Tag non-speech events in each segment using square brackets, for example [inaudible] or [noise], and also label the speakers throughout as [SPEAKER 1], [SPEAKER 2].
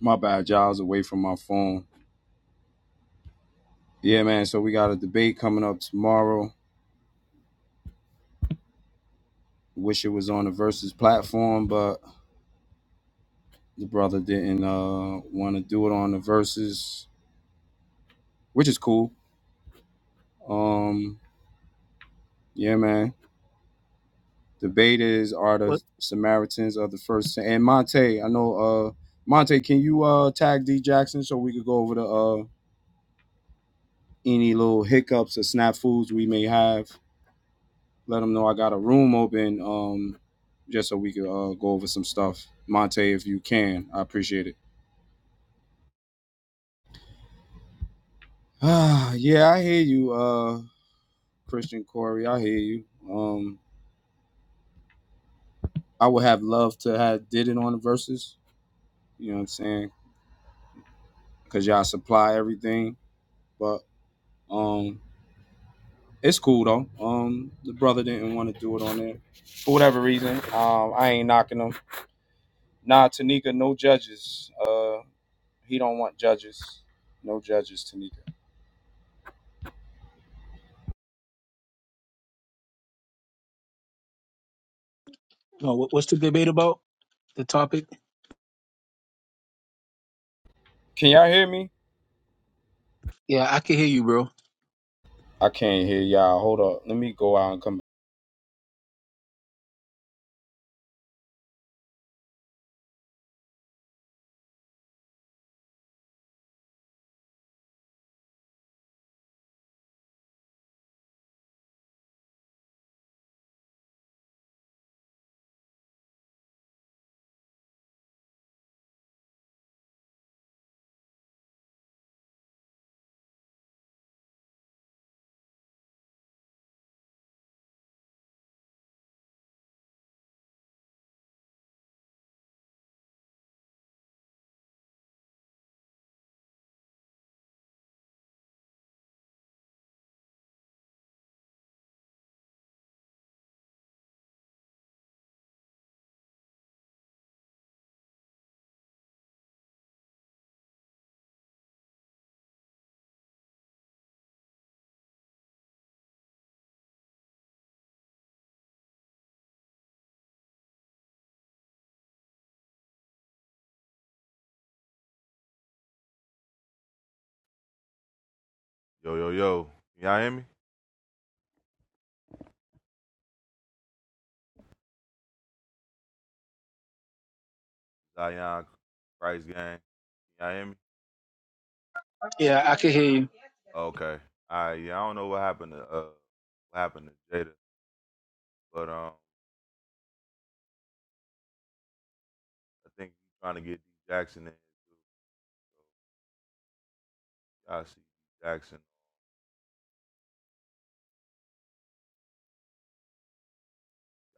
[SPEAKER 1] My bad, y'all. I was away from my phone. Yeah, man. So we got a debate coming up tomorrow. Wish it was on the Versus platform, but the brother didn't uh want to do it on the Versus, which is cool. Um, yeah, man. Debate is are the
[SPEAKER 2] What?
[SPEAKER 1] Samaritans of the first and Monte. I know. Uh, Monte, can you uh tag D Jackson so we could go over the uh any little hiccups or snafus we may have let them know I got a room open, um, just so we could uh, go over some stuff. Monte, if you can, I appreciate it. [sighs] Ah, yeah, I hear you, uh, Christian Corey. I hear you. Um, I would have loved to have did it on the verses. You know what I'm saying? Cause y'all supply everything, but um, it's cool though. Um, the brother didn't want to do it on there for whatever reason. Um, I ain't knocking him. Nah, Tanika, no judges. Uh, he don't want judges. No judges, Tanika.
[SPEAKER 2] No. What, what's the debate about? The topic?
[SPEAKER 1] Can y'all hear me?
[SPEAKER 2] Yeah, I can hear you, bro.
[SPEAKER 1] I can't hear y'all. Hold up. Let me go out and come back.
[SPEAKER 3] Yo, yo, yo. Can y'all hear me? Zion Christ gang. Can y'all hear me?
[SPEAKER 2] Yeah, I can hear you.
[SPEAKER 3] Okay. All right. Yeah, I don't know what happened to uh what happened to Jada, but um I think he's trying to get D Jackson in here too. So y'all see D Jackson.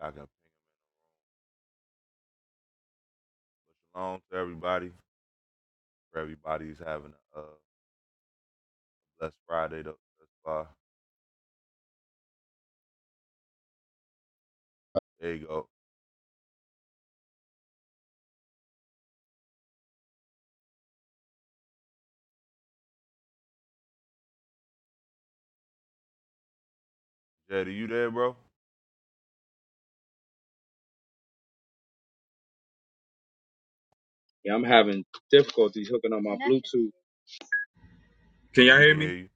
[SPEAKER 3] Y'all can ping him. in. But shalom to everybody. For everybody's having a uh, blessed Friday though. That's far. There you go. Jada, you there, bro?
[SPEAKER 1] Yeah, I'm having difficulties hooking up my Bluetooth. Can
[SPEAKER 3] Yeah,
[SPEAKER 1] y'all
[SPEAKER 3] we can
[SPEAKER 1] hear me?
[SPEAKER 3] hear you.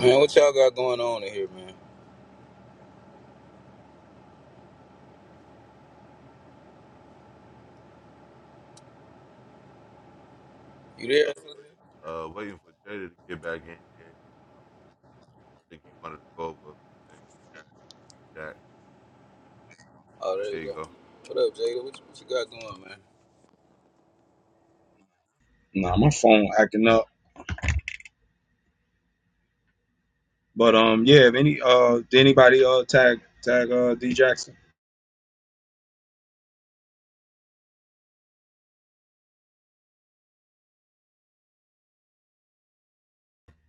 [SPEAKER 4] Man, what y'all got going on in here, man? You there?
[SPEAKER 3] Uh, waiting for Jada to get back in here. He, um, I think he wanted to go over a few things. with D Jack.
[SPEAKER 4] Oh, there you
[SPEAKER 3] There you
[SPEAKER 4] go.
[SPEAKER 3] go.
[SPEAKER 4] What up, Jada? What, what you got going, man?
[SPEAKER 5] Nah, my phone acting up. But um, yeah. If any uh, did anybody uh tag tag uh D Jackson?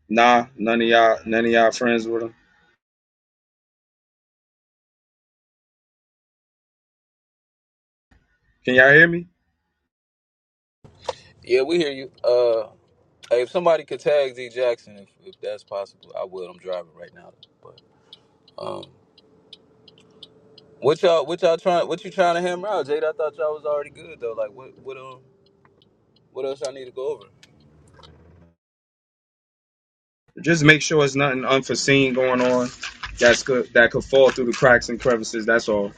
[SPEAKER 5] Nah, none of y'all none of y'all friends with him. Can y'all hear me?
[SPEAKER 4] Yeah, we hear you. Uh, hey, if somebody could tag Z Jackson, if, if that's possible, I would. I'm driving right now, but um, what y'all, what y'all trying, what you trying to hammer out, Jada? I thought y'all was already good though. Like, what, what um, what else I need to go over?
[SPEAKER 5] Just make sure it's nothing unforeseen going on. That's good. That could fall through the cracks and crevices. That's all.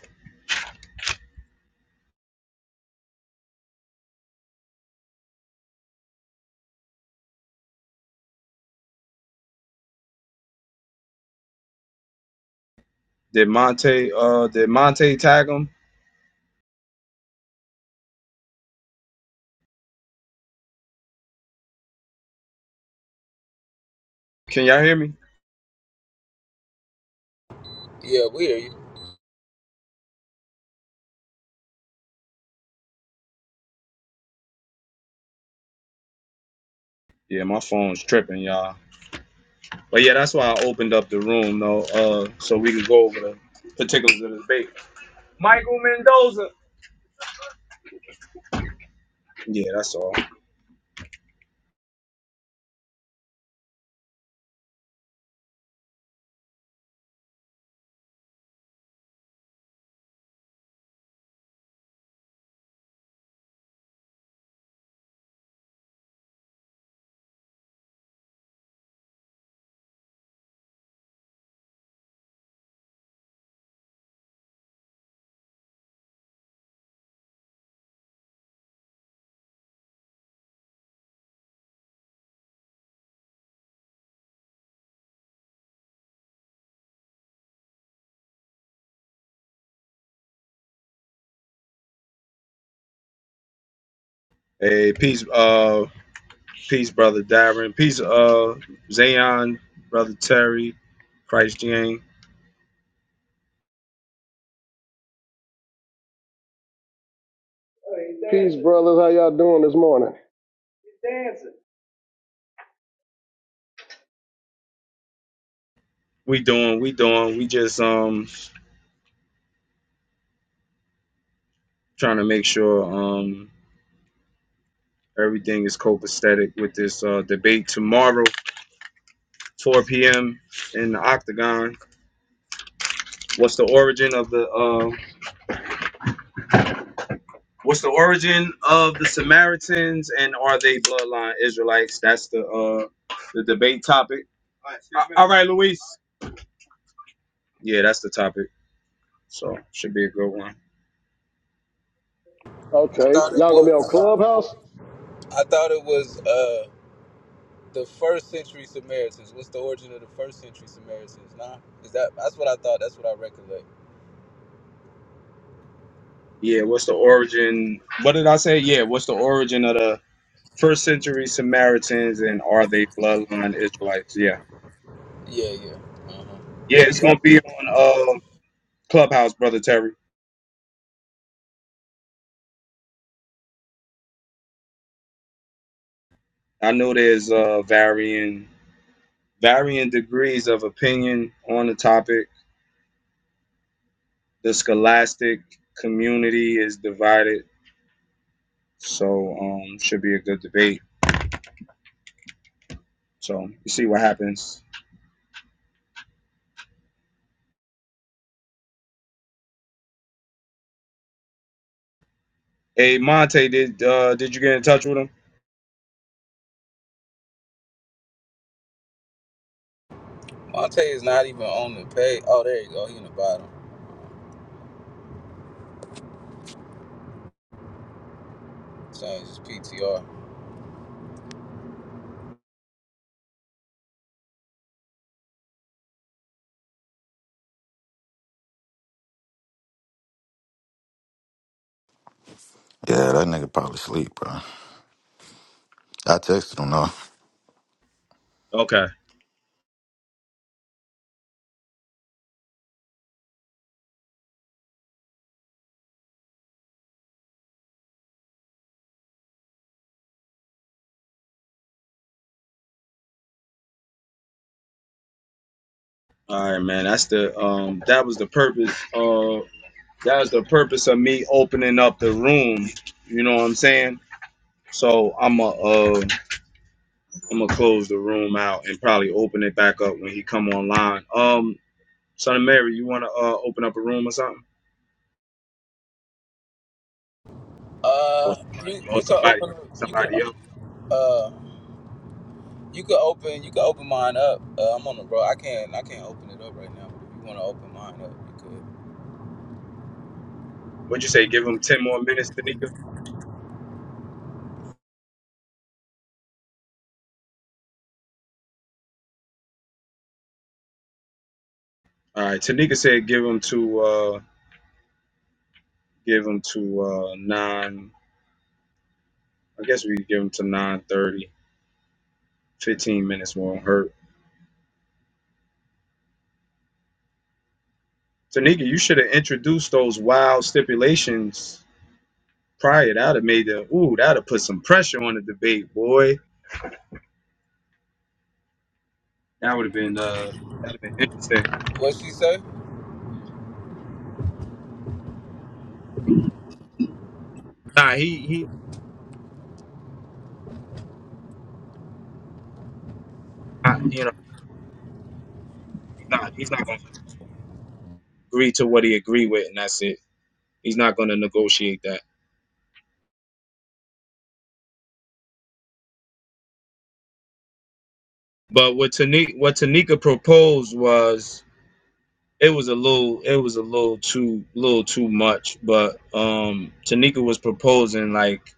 [SPEAKER 5] Did Monte uh did Monte tag him? Can y'all hear me?
[SPEAKER 4] Yeah, we hear you.
[SPEAKER 5] Yeah, my phone's tripping, y'all. But yeah, that's why I opened up the room though, uh, so we can go over the particulars of the debate. Michael Mendoza. Yeah, that's all. Hey, peace. Uh, Peace, brother Darren. Peace, uh, Zayon, brother Terry, Christ Yang.
[SPEAKER 6] Peace, brothers. How y'all doing this morning?
[SPEAKER 5] We doing, we doing. We just um trying to make sure um everything is copacetic with this uh debate tomorrow, 4 p.m. in the Octagon. What's the origin of the uh What's the origin of the Samaritans and are they bloodline Israelites? That's the uh the debate topic. All right, Luis. Yeah, that's the topic. So should be a good one.
[SPEAKER 4] I
[SPEAKER 6] Okay,
[SPEAKER 4] thought it
[SPEAKER 6] y'all gonna be on
[SPEAKER 4] was,
[SPEAKER 6] Clubhouse?
[SPEAKER 4] I thought it was uh, the first century Samaritans. What's the origin of the first century Samaritans? Nah, is that that's what I thought. That's what I recollect.
[SPEAKER 5] Yeah, what's the origin? What did I say? Yeah, what's the origin of the first century Samaritans and are they bloodline Israelites? Yeah.
[SPEAKER 4] Yeah, yeah. Uh-huh.
[SPEAKER 5] Yeah, it's gonna be on uh Clubhouse, brother Terry. I know there's uh varying varying degrees of opinion on the topic. The scholastic community is divided, so um should be a good debate. So you see what happens. Hey Monte, did uh did you get in touch with him?
[SPEAKER 4] Monte is not even on the page. Oh, there you go. He in the bottom. Change his PTR.
[SPEAKER 7] Yeah, that nigga probably sleep, bro. I texted him though.
[SPEAKER 5] Okay. All right, man. That's the um. That was the purpose of that was the purpose of me opening up the room. You know what I'm saying? So I'm a uh, I'm gonna close the room out and probably open it back up when he come online. Um, son of Mary, you wanna uh open up a room or something? Or
[SPEAKER 4] Uh,
[SPEAKER 5] somebody,
[SPEAKER 4] you
[SPEAKER 5] or
[SPEAKER 4] you can
[SPEAKER 5] somebody,
[SPEAKER 4] open. You can
[SPEAKER 5] somebody else.
[SPEAKER 4] uh you can open you can open mine up. Uh, I'm on the bro. I can't I can't open it up right now. But if you want to open mine up, you
[SPEAKER 5] What'd you say? Give him ten more minutes, Tanika. All right, Tanika said give him to uh give him to uh nine. I guess we give him to nine thirty. Fifteen minutes won't hurt. Tanika, you should have introduced those wild stipulations prior. That would have made the ooh, that would have put some pressure on the debate, boy. That would have been uh that'd have been interesting.
[SPEAKER 4] could. What she say?
[SPEAKER 5] Nah, he he not, you know, he's not he's not gonna agree to what he agreed with and that's it. He's not gonna negotiate that. But what Tanika what Tanika proposed was it was a little it was a little too little too much, but um Tanika was proposing like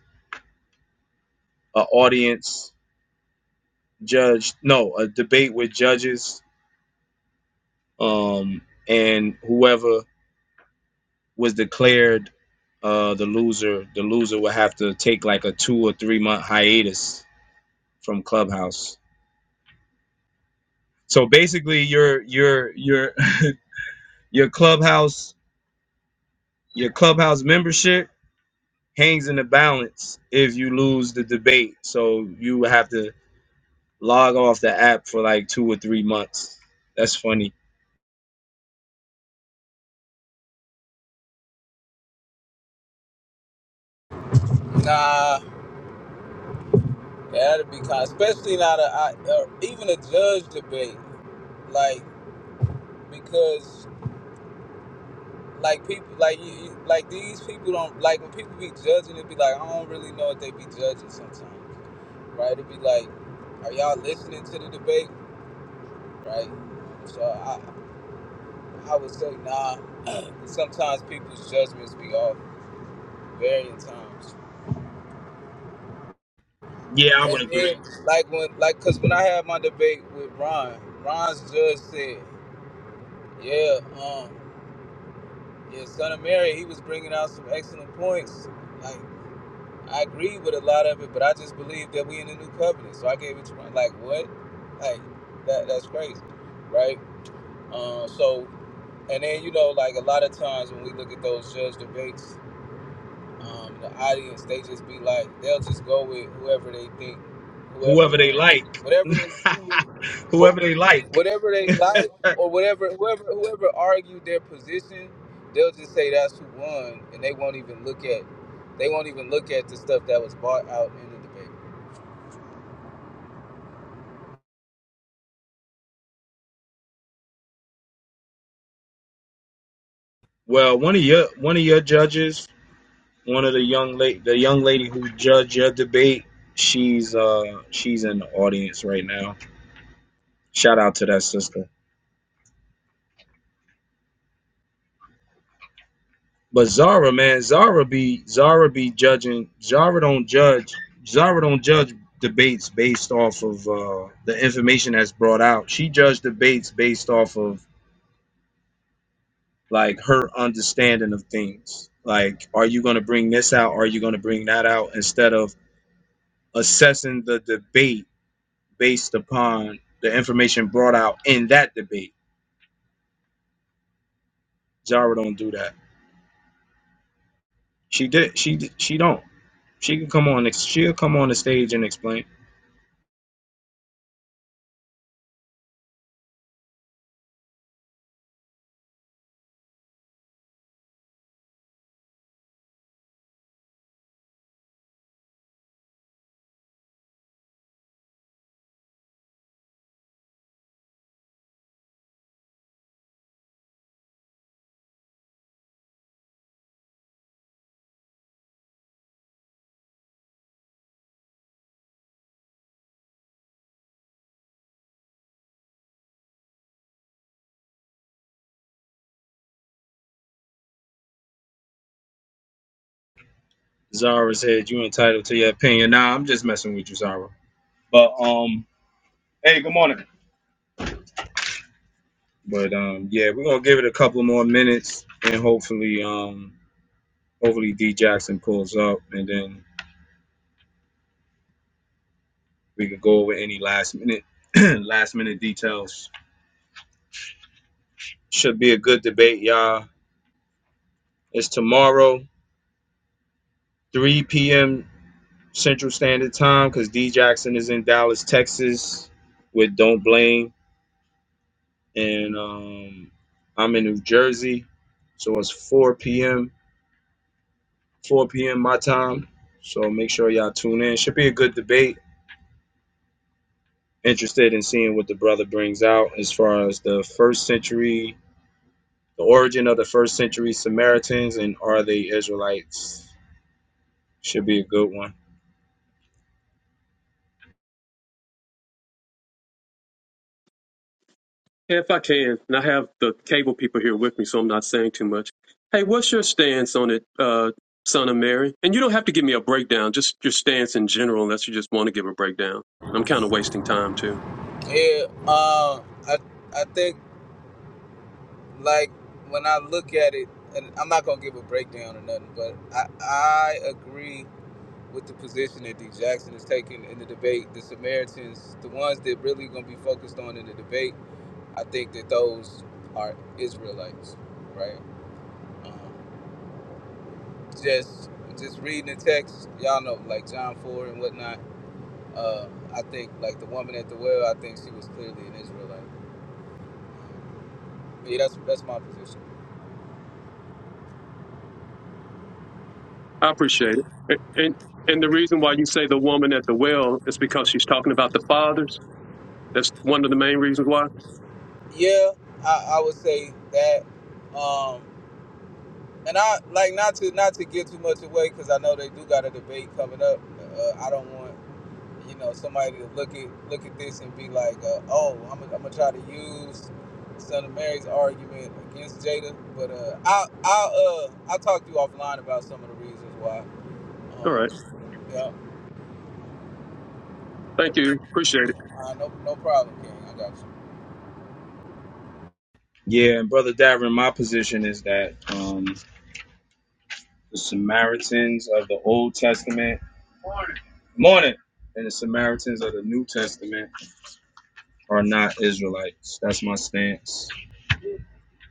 [SPEAKER 5] a audience judge no, a debate with judges um, and whoever was declared uh, the loser, the loser would have to take like a two or three month hiatus from Clubhouse. So basically, your your your [laughs] your Clubhouse your Clubhouse membership hangs in the balance if you lose the debate. So you would have to log off the app for like two or three months. That's funny.
[SPEAKER 4] Nah, that'd be kind. Especially not a I, uh, even a judge debate, like because like people like you, you like these people don't like when people be judging it be like i don't really know what they be judging sometimes right it be like are y'all listening to the debate right so i i would say nah sometimes people's judgments be off varying times
[SPEAKER 5] Yeah, I would
[SPEAKER 4] and then
[SPEAKER 5] agree.
[SPEAKER 4] like when like because when i had my debate with ron ron's judge said yeah um yeah son of mary he was bringing out some excellent points like. I agree with a lot of it, but I just believe that we in the new covenant. So I gave it to my like what? Like that that's crazy. Right? Uh, so and then you know, like a lot of times when we look at those judge debates, um, the audience, they just be like, they'll just go with whoever they think,
[SPEAKER 5] Whoever
[SPEAKER 4] whoever,
[SPEAKER 5] they
[SPEAKER 4] um,
[SPEAKER 5] like,
[SPEAKER 4] whatever they agree with,
[SPEAKER 5] [laughs]
[SPEAKER 4] or
[SPEAKER 5] whoever they like.
[SPEAKER 4] whatever
[SPEAKER 5] [laughs]
[SPEAKER 4] they like, or whatever, whoever, whoever argued their position, they'll just say that's who won, and they won't even look at, they won't even look at the stuff that was bought out in the
[SPEAKER 5] Well, one of your one of your judges, one of the young lady, the young lady who judged your debate, she's uh she's in the audience right now. Shout out to that sister. But Zara, man, Zara be Zara be judging. Zara don't judge. Zara don't judge debates based off of uh, the information that's brought out. She judged debates based off of like her understanding of things. Like, are you gonna bring this out? Are you gonna bring that out? Instead of assessing the debate based upon the information brought out in that debate. Jara don't do that. She did. She she don't. She can come on. She'll come on the stage and explain. Zara said, "You entitled to your opinion." Nah, I'm just messing with you, Zara. But um, hey, good morning. But um, yeah, we're gonna give it a couple more minutes, and hopefully um, hopefully D Jackson pulls up, and then we can go over any last minute [clears throat] last minute details. Should be a good debate, y'all. It's tomorrow, 3 p.m. Central Standard Time because D Jackson is in Dallas, Texas with Don't Blame. And um, I'm in New Jersey. So it's 4 p.m. 4 p.m. my time. So make sure y'all tune in. Should be a good debate. Interested in seeing what the brother brings out as far as the first century, the origin of the first century Samaritans, and are they Israelites? Should be a good one.
[SPEAKER 8] Yeah, If I can, and I have the cable people here with me, so I'm not saying too much. Hey, what's your stance on it, uh, son of Mary? And you don't have to give me a breakdown, just your stance in general, unless you just want to give a breakdown. I'm kind of wasting time too.
[SPEAKER 4] debate. Yeah, um, I, I think like when I look at it, and I'm not gonna give a breakdown or nothing, but I, I agree with the position that D. Jackson is taking in the debate, the Samaritans, the ones that really going to be focused on in the debate, I think that those are Israelites, right? Um, just just reading the text, y'all know, like John four and whatnot. Uh, I think like the woman at the well, I think she was clearly an Israelite. Yeah, that's that's my position.
[SPEAKER 8] I appreciate it. And, and and the reason why you say the woman at the well is because she's talking about the fathers. That's one of the main reasons why.
[SPEAKER 4] Yeah, I, I would say that. Um, and I like not to not to give too much away because I know they do got a debate coming up. Uh, I don't want. you know somebody to look at look at this and be like, uh, oh, I'm gonna, I'm gonna try to use Son of Mary's argument against Jada, but uh, I I'll uh I'll talk to you offline about some of the reasons why.
[SPEAKER 8] All
[SPEAKER 4] Um,
[SPEAKER 8] right.
[SPEAKER 4] yeah,
[SPEAKER 8] Thank you. Appreciate it.
[SPEAKER 4] uh, no no problem, King. I got
[SPEAKER 5] Yeah, and brother Davin, my position is that um, the Samaritans of the Old Testament Morning. And the Samaritans of the New Testament are not Israelites. That's my stance.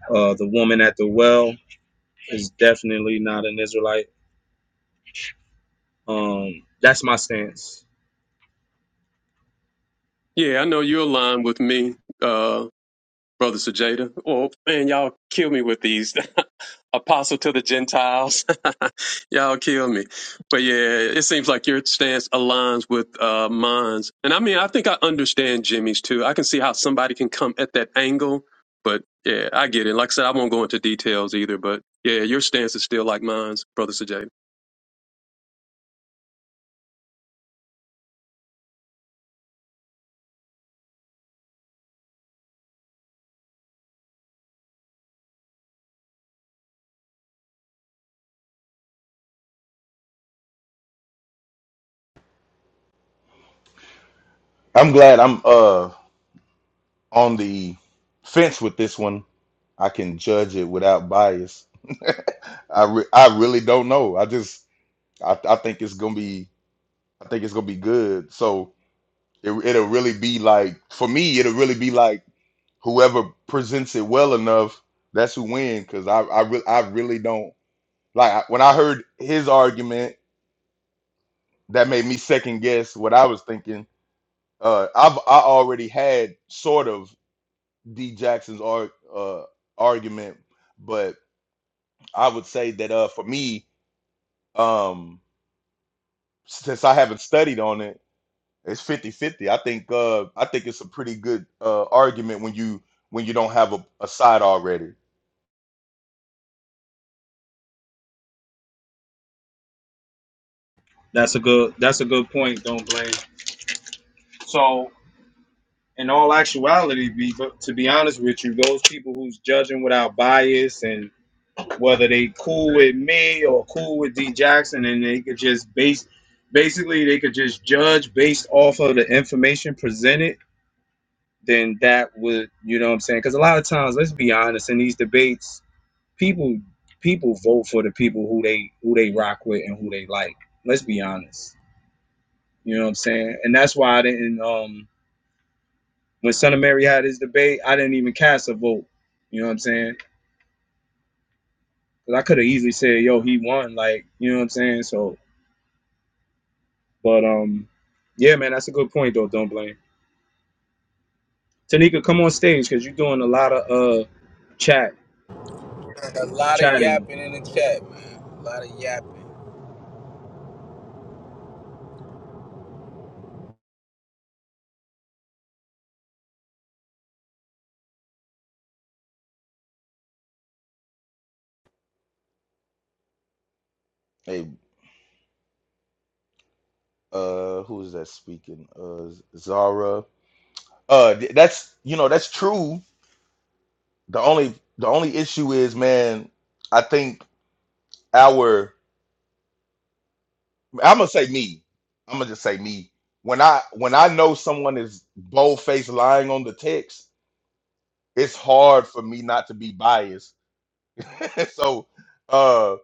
[SPEAKER 5] Uh, the woman at the well is definitely not an Israelite. Um, that's my stance.
[SPEAKER 8] Yeah, I know you're aligned with me. Uh, Brother Sejada. Oh man, y'all kill me with these [laughs] apostle to the Gentiles. [laughs] y'all kill me. But yeah, it seems like your stance aligns with uh, mine. And I mean, I think I understand Jimmy's too. I can see how somebody can come at that angle. But yeah, I get it. Like I said, I won't go into details either. But yeah, your stance is still like mine's, Brother Sejada.
[SPEAKER 9] I'm glad I'm uh on the fence with this one. I can judge it without bias. I re- I really don't know. I just I, I think it's gonna be I think it's gonna be good. So it, it'll really be like for me, it'll really be like whoever presents it well enough, that's who wins. Because I I re- I really don't like I- when I heard his argument that made me second guess what I was thinking. Uh, I've I already had sort of D Jackson's arg uh, argument, but I would say that uh, for me, um, since I haven't studied on it, it's fifty-fifty. I think uh, I think it's a pretty good uh, argument when you when you don't have a, a side already.
[SPEAKER 5] That's a good. That's a good point. Don't blame. So, in all actuality, be to be honest with you, those people who's judging without bias and whether they cool with me or cool with D Jackson, and they could just base, basically, they could just judge based off of the information presented then that would you know what I'm saying? Because a lot of times, let's be honest, in these debates, people people vote for the people who they who they rock with and who they like. Let's be honest. You know what I'm saying? And that's why I didn't um when Son of Mary had his debate, I didn't even cast a vote. You know what I'm saying? saying, because I could have easily said, yo, he won, like, you know what I'm saying? So but um yeah, man, that's a good point though, don't blame. Tanika, come on stage because you're doing a lot of uh chat
[SPEAKER 4] you. A lot of
[SPEAKER 5] chatting.
[SPEAKER 4] yapping in the chat, man. A lot of yapping.
[SPEAKER 9] Hey, uh, who is that speaking? Uh, Zara. Uh, th- that's you know that's true. The only the only issue is, man, I think our I'm gonna say me. I'm gonna just say me. When I when I know someone is bold faced lying on the text, it's hard for me not to be biased. [laughs] so, uh,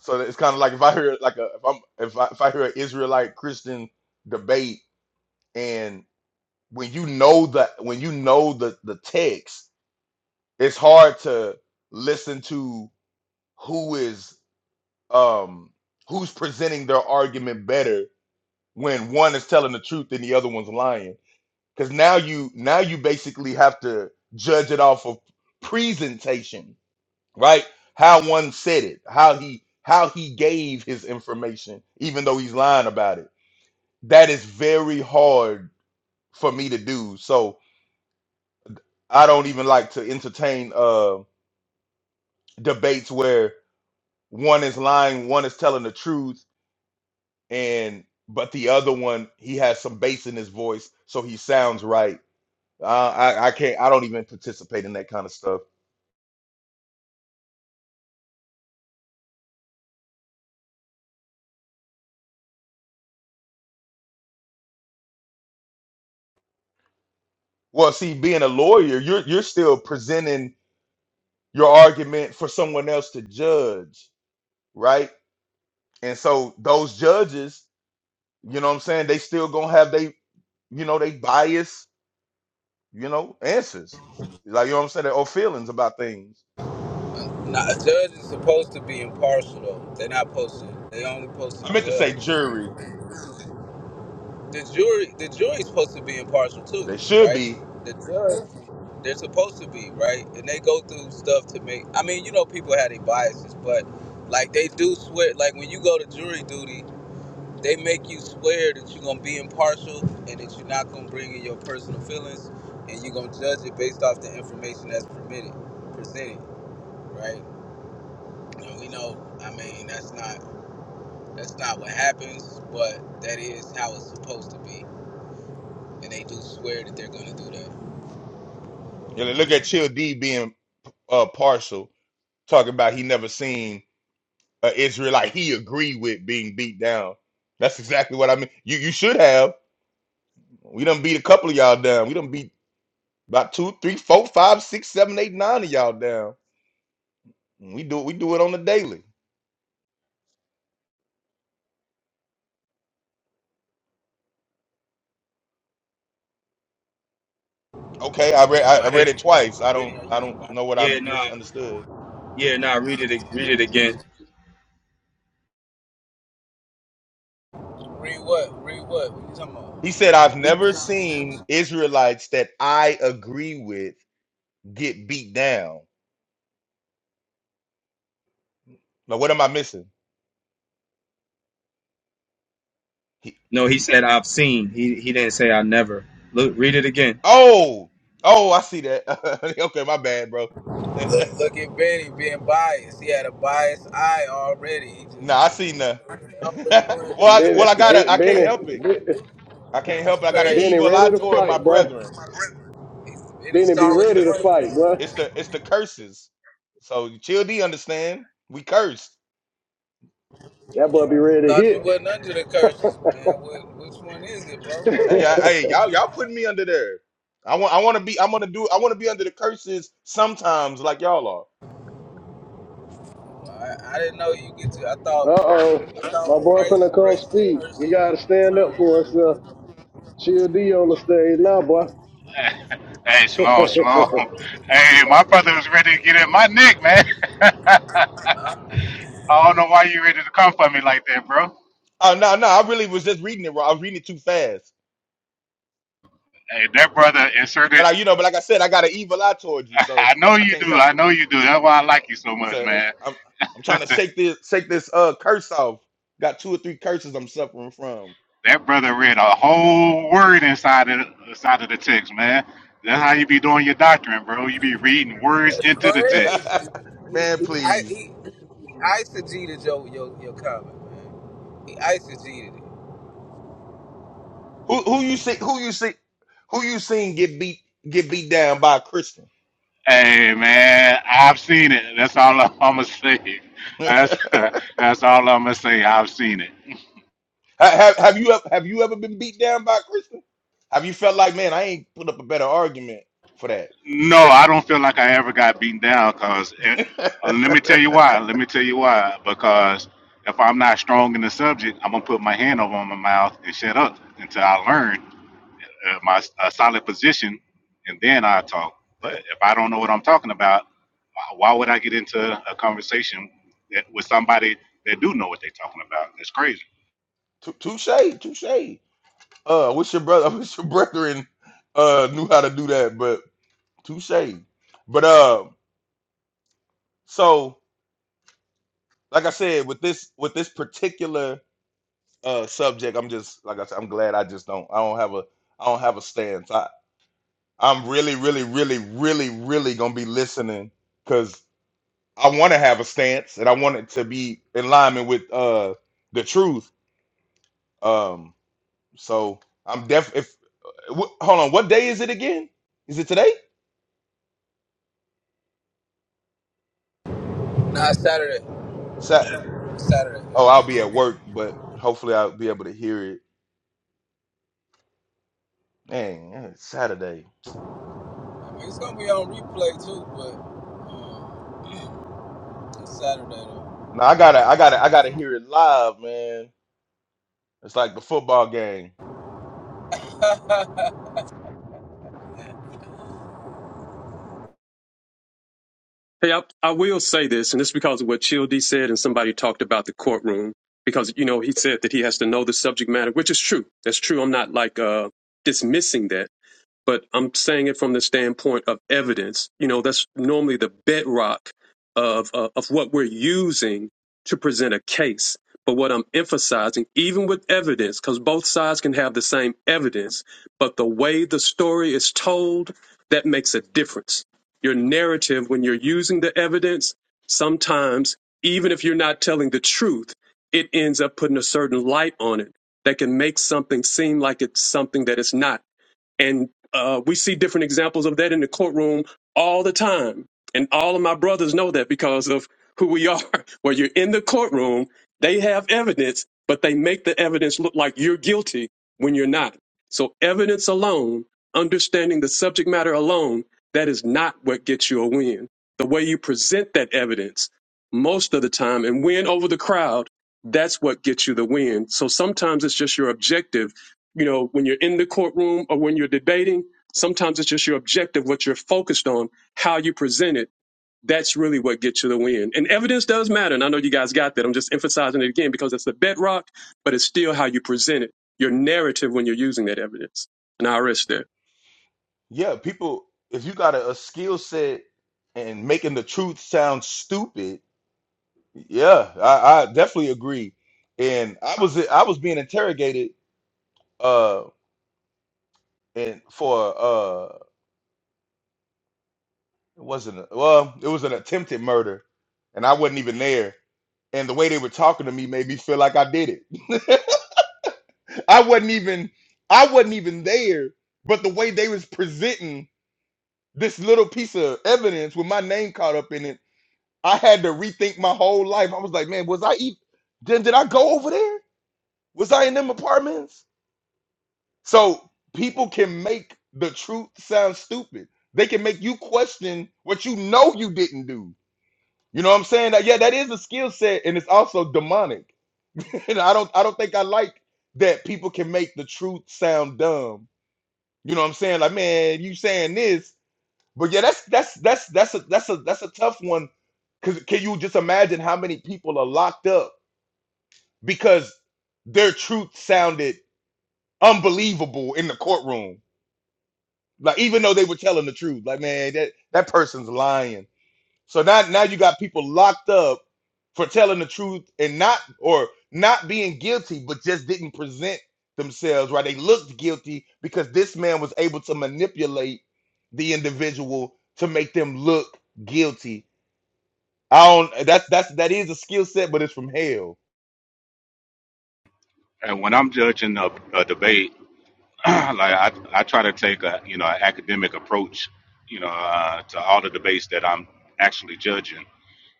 [SPEAKER 9] so it's kind of like if I hear like a if I'm if I if I hear an Israelite Christian debate, and when you know the when you know the the text, it's hard to listen to who is um who's presenting their argument better when one is telling the truth and the other one's lying Because now you now you basically have to judge it off of presentation, right? How one said it, how he how he gave his information, even though he's lying about it. That is very hard for me to do. So I don't even like to entertain uh debates where one is lying, one is telling the truth, and but the other one he has some bass in his voice, so he sounds right. Uh, I I can't. I don't even participate in that kind of stuff Well, see, being a lawyer, you're you're still presenting your argument for someone else to judge, right? And so those judges, you know what I'm saying, they still gonna have they, you know, they bias, you know, answers. Like you know what I'm saying, or feelings about things.
[SPEAKER 4] Now, a judge is supposed to be impartial, though. They're not supposed to. They only supposed
[SPEAKER 9] I
[SPEAKER 4] to
[SPEAKER 9] meant to say
[SPEAKER 4] judge.
[SPEAKER 9] jury.
[SPEAKER 4] The jury, the jury's supposed to be impartial too,
[SPEAKER 9] They should
[SPEAKER 4] right?
[SPEAKER 9] be.
[SPEAKER 4] The judge They're supposed to be, right? And they go through stuff to make. I mean, you know, people have their biases, but like they do swear. Like when you go to jury duty, they make you swear that you're gonna be impartial and that you're not gonna bring in your personal feelings and you're gonna judge it based off the information that's permitted, presented, right? And we know, I mean, that's not that's not what happens, but that is how it's supposed to be. And they do swear that they're gonna do that.
[SPEAKER 9] You know, look at Chill D being uh partial, talking about he never seen a Israelite he agreed with being beat down. That's exactly what I mean. You you should have. We done beat a couple of y'all down. We done beat about two, three, four, five, six, seven, eight, nine of y'all down. We do we do it on the daily.
[SPEAKER 4] Are
[SPEAKER 9] Okay, I
[SPEAKER 4] you
[SPEAKER 9] read
[SPEAKER 4] being
[SPEAKER 9] I
[SPEAKER 5] Oh
[SPEAKER 9] I
[SPEAKER 5] yeah,
[SPEAKER 9] read
[SPEAKER 4] biased?
[SPEAKER 9] it twice.
[SPEAKER 4] Are
[SPEAKER 9] I
[SPEAKER 4] Biddy,
[SPEAKER 9] don't
[SPEAKER 4] are you
[SPEAKER 9] I
[SPEAKER 4] being
[SPEAKER 9] don't know what
[SPEAKER 5] yeah,
[SPEAKER 9] I
[SPEAKER 5] no,
[SPEAKER 9] misunderstood.
[SPEAKER 5] Yeah, no, nah, read it read
[SPEAKER 4] biased?
[SPEAKER 5] it again.
[SPEAKER 4] Read what? Read what? What you talking
[SPEAKER 9] He
[SPEAKER 4] about?
[SPEAKER 9] said, I've never seen Israelites that I agree with get beat down. Now what am I missing? He,
[SPEAKER 5] No, he said I've seen. He he didn't say I never. Look, read it again.
[SPEAKER 9] oh, oh, I see that. [laughs] okay, my bad, bro. [laughs]
[SPEAKER 4] Look, look at Benny being biased. He had a biased eye already. He just
[SPEAKER 9] nah, I
[SPEAKER 4] saw
[SPEAKER 9] seen that.
[SPEAKER 4] what he
[SPEAKER 9] [laughs]
[SPEAKER 4] wanted
[SPEAKER 9] well,
[SPEAKER 4] to see.
[SPEAKER 9] I,
[SPEAKER 6] Benny,
[SPEAKER 9] well, I
[SPEAKER 4] That's
[SPEAKER 6] Be-
[SPEAKER 9] gotta I can't
[SPEAKER 4] crazy.
[SPEAKER 6] Benny,
[SPEAKER 9] help it.
[SPEAKER 6] Be-
[SPEAKER 9] I can't
[SPEAKER 4] That's
[SPEAKER 9] help it. I got an
[SPEAKER 4] crazy.
[SPEAKER 6] Benny,
[SPEAKER 9] evil eye
[SPEAKER 6] ready to
[SPEAKER 9] toward my
[SPEAKER 6] fight, boy.
[SPEAKER 9] brethren.
[SPEAKER 4] He, he
[SPEAKER 6] Benny, be
[SPEAKER 4] saw what
[SPEAKER 9] It's
[SPEAKER 4] he
[SPEAKER 9] the.
[SPEAKER 6] ready to
[SPEAKER 4] wanted to
[SPEAKER 6] fight, boy.
[SPEAKER 4] see.
[SPEAKER 9] It's the it's the curses. So Chill D understand. We cursed.
[SPEAKER 6] That boy be ready to
[SPEAKER 4] Thought you
[SPEAKER 6] hit.
[SPEAKER 4] wasn't under the curses, man. What, which one is it, bro?
[SPEAKER 9] Hey, I,
[SPEAKER 6] [laughs]
[SPEAKER 9] hey, y'all y'all putting me under there. I want I want to be I want to do I want to be under the curses sometimes like y'all are.
[SPEAKER 4] I, I didn't know you get to. I
[SPEAKER 6] uh
[SPEAKER 4] thought
[SPEAKER 6] oh,
[SPEAKER 4] I thought
[SPEAKER 6] my boy finna
[SPEAKER 4] Christ
[SPEAKER 6] come
[SPEAKER 4] breaks the
[SPEAKER 6] speak.
[SPEAKER 4] curses
[SPEAKER 6] You gotta
[SPEAKER 4] and
[SPEAKER 6] stand up
[SPEAKER 4] returns.
[SPEAKER 6] for us, uh. Chill D on the stage now, boy.
[SPEAKER 10] [laughs] Hey, Shalom,
[SPEAKER 6] [laughs]
[SPEAKER 10] Shalom.
[SPEAKER 4] but
[SPEAKER 10] Hey, my
[SPEAKER 4] Shalom.
[SPEAKER 10] brother
[SPEAKER 4] bro.
[SPEAKER 10] was ready to get in my neck, man. [laughs] I don't know why you ready to come for me like that, bro.
[SPEAKER 9] Oh no no I really was just reading it wrong. I was reading it too fast.
[SPEAKER 10] Hey, that brother inserted.
[SPEAKER 9] But I you know but like I said I got an evil eye towards
[SPEAKER 10] [laughs]
[SPEAKER 9] you
[SPEAKER 10] I
[SPEAKER 9] so
[SPEAKER 10] know
[SPEAKER 9] I
[SPEAKER 10] you
[SPEAKER 9] can't
[SPEAKER 10] do.
[SPEAKER 9] help
[SPEAKER 10] I
[SPEAKER 9] it.
[SPEAKER 10] know you do. That's why I like you so
[SPEAKER 9] So
[SPEAKER 10] much,
[SPEAKER 9] it's,
[SPEAKER 10] man.
[SPEAKER 9] I'm I'm trying to shake this shake this uh curse off. Got two or three curses I'm suffering from.
[SPEAKER 10] That brother read a whole word inside of inside of the text, man. That's how you be doing your doctrine, bro. You be reading words into the
[SPEAKER 9] [laughs]
[SPEAKER 4] Crazy.
[SPEAKER 10] text.
[SPEAKER 9] Man,
[SPEAKER 4] I,
[SPEAKER 9] please.
[SPEAKER 4] he, he eisegeted your, your, your comment, man. He eisegeted it.
[SPEAKER 9] Who who you see who you see who you seen get beat get beat down by a Christian?
[SPEAKER 10] Hey, man, I've seen it. That's all [laughs] I'm gonna say.
[SPEAKER 9] [laughs]
[SPEAKER 10] That's [laughs] that's all I'm gonna say. I've seen it.
[SPEAKER 9] Ha- have, have you ever have you ever been beat down by a Christian? Have you felt like man, I ain't put up a better argument for that?
[SPEAKER 10] No, I don't feel like I ever got beaten down because
[SPEAKER 9] [laughs]
[SPEAKER 10] let me tell you why. Let me tell you why. Because if I'm not strong in the subject, I'm going to put my hand over my mouth and shut up until I learn uh, my a solid position and then I talk. But
[SPEAKER 9] that
[SPEAKER 10] if I don't know what I'm talking about, why why would I get into a conversation that, with somebody that do know what they're talking about? It's crazy.
[SPEAKER 9] tou- touche, touche. Uh, I wish your brother, [laughs] I wish your brethren uh knew how to do that, but touche. But uh, so like I said, with this with this particular uh subject, I'm just like I said, I'm glad I just don't I don't have a I don't have a stance. I'm really, really, really, really, really gonna be listening because I want to have a stance and I want it to be in alignment with uh the truth. Um, so I'm def. If wh- hold on, what day is it again? Is it today?
[SPEAKER 4] Nah, it's Saturday.
[SPEAKER 9] Sat.
[SPEAKER 4] It's Saturday.
[SPEAKER 9] Oh,
[SPEAKER 4] though.
[SPEAKER 9] I'll be at work, but hopefully I'll be able to hear it. Dang, eh, it's Saturday.
[SPEAKER 4] I mean, it's gonna be on replay too, but it's Saturday though.
[SPEAKER 9] No, I gotta, I gotta, I gotta hear it live, man. It's like the football game.
[SPEAKER 8] Hey, I, I will say this, and this is because of what Childee said, and somebody talked about the courtroom because you know he said that he has to know the subject matter, which is true. That's true. I'm not like uh, dismissing that but I'm saying it from the standpoint of evidence. You know, that's normally the bedrock of uh, of what we're using to present a case. But what I'm emphasizing, even with evidence, because both sides can have the same evidence, but the way the story is told, that makes a difference. Your narrative, when you're using the evidence, sometimes, even if you're not telling the truth, it ends up putting a certain light on it that can make something seem like it's something that it's not and uh, we see different examples of that in the courtroom all the time. And all of my brothers know that because of who we are. [laughs] Where you're in the courtroom, they have evidence, but they make the evidence look like you're guilty when you're not. So, evidence alone, understanding the subject matter alone, that is not what gets you a win. The way you present that evidence most of the time and win over the crowd, that's what gets you the win. So, sometimes it's just your objective you know, when you're in the courtroom or when you're debating, sometimes it's just your objective, what you're focused on, how you present it. That's really what gets you the win. And evidence does matter. And I know you guys got that. I'm just emphasizing it again because it's the bedrock, but it's still how you present it, your narrative when you're using that evidence. And I risk there.
[SPEAKER 9] Yeah, people. If you got a, a skill set and making the truth sound stupid Yeah, I, I definitely agree. And I was I was being interrogated uh and for uh it wasn't a- well, it was an attempted murder and I wasn't even there. And the way they were talking to me made me feel like I did it. [laughs] I wasn't even I wasn't even there, but the way they was presenting this little piece of evidence with my name caught up in it, I had to rethink my whole life. I was like, man, was I even did, did I go over there? Was I in them apartments? So people can make the truth sound stupid. They can make you question what you know you didn't do. You know what I'm saying? That- Yeah, that is a skill set, and it's also demonic. [laughs] and I don't, I don't think I like that people can make the truth sound dumb. You know what I'm saying? Like, man, you saying this, but yeah, that's that's that's that's a that's a that's a tough one. Cause can you just imagine how many people are locked up because their truth sounded unbelievable in the courtroom? Like even though they were telling the truth, like man, that that person's lying. So now now you got people locked up for telling the truth and not or not being guilty, but just didn't present themselves right. They looked guilty because this man was able to manipulate the individual to make them look guilty. I don't. That's that's that is a skill set, but it's from hell.
[SPEAKER 10] And when I'm judging a, a debate, [clears throat] like I, I try to take a you know an academic approach, you know, uh, to all the debates that I'm actually judging.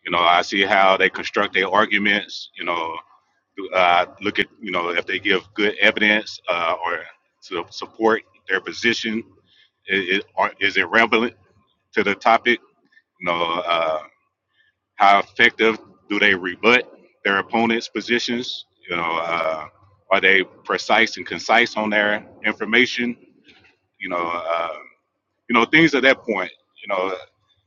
[SPEAKER 10] You know, I see how they construct their arguments. You know, uh, look at you know if they give good evidence uh, or to support their position. Is, or is it relevant to the topic? You know, uh, how effective do they rebut their opponent's positions? You know, uh, are they precise and concise on their information? You know. Uh, you know things at that point you know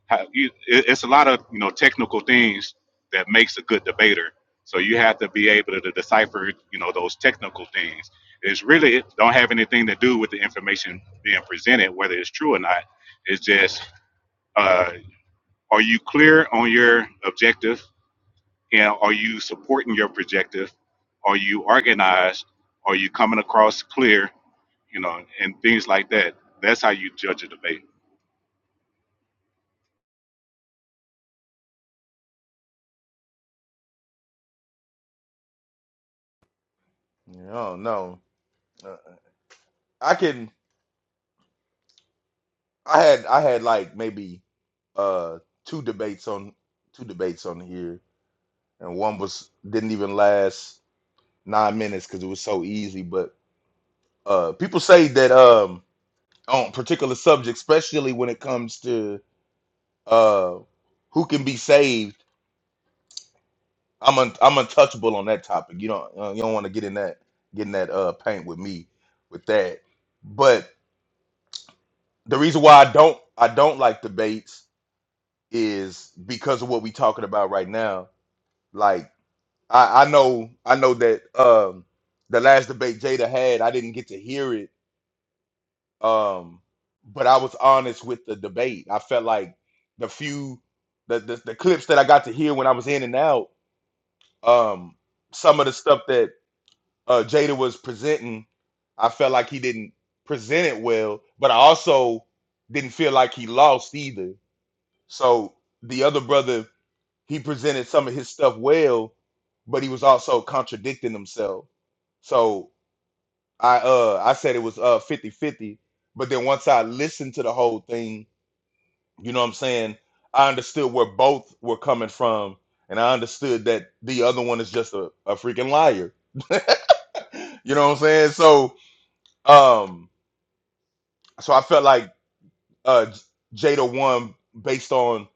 [SPEAKER 10] how you, it, it's a lot of you know technical things that makes a good debater so you have to be able to, to decipher you know those technical things it's really it don't have anything to do with the information being presented whether it's true or not it's just uh, are you clear on your objective and are you supporting your objective? are you organized are you coming across clear you know and things like that that's how you judge a debate
[SPEAKER 9] Yeah, I don't know. Uh, I can. I had I had like maybe uh two debates on two debates on here and one was didn't even last nine minutes because it was so easy. But uh, people say that um, on particular subjects, especially when it comes to uh, who can be saved, I'm un- I'm untouchable on that topic. You don't uh, you don't want to get in that get in that uh, paint with me with that. But the reason why I don't I don't like debates is because of what we talking about right now. Like I, I know I know that um, the last debate Jada had, I didn't get to hear it Um, but I was honest with the debate. I felt like the few the, the the clips that I got to hear when I was in and out, um, some of the stuff that uh Jada was presenting, I felt like he didn't present it well, but I also didn't feel like he lost either. So the other brother, he presented some of his stuff well, but he was also contradicting himself. So I uh I said it was uh fifty fifty. but then once I listened to the whole thing, You know what I'm saying? I understood where both were coming from, and I understood that the other one is just a, a freaking liar. [laughs] you know what I'm saying? So um so I felt like uh J- Jada won based on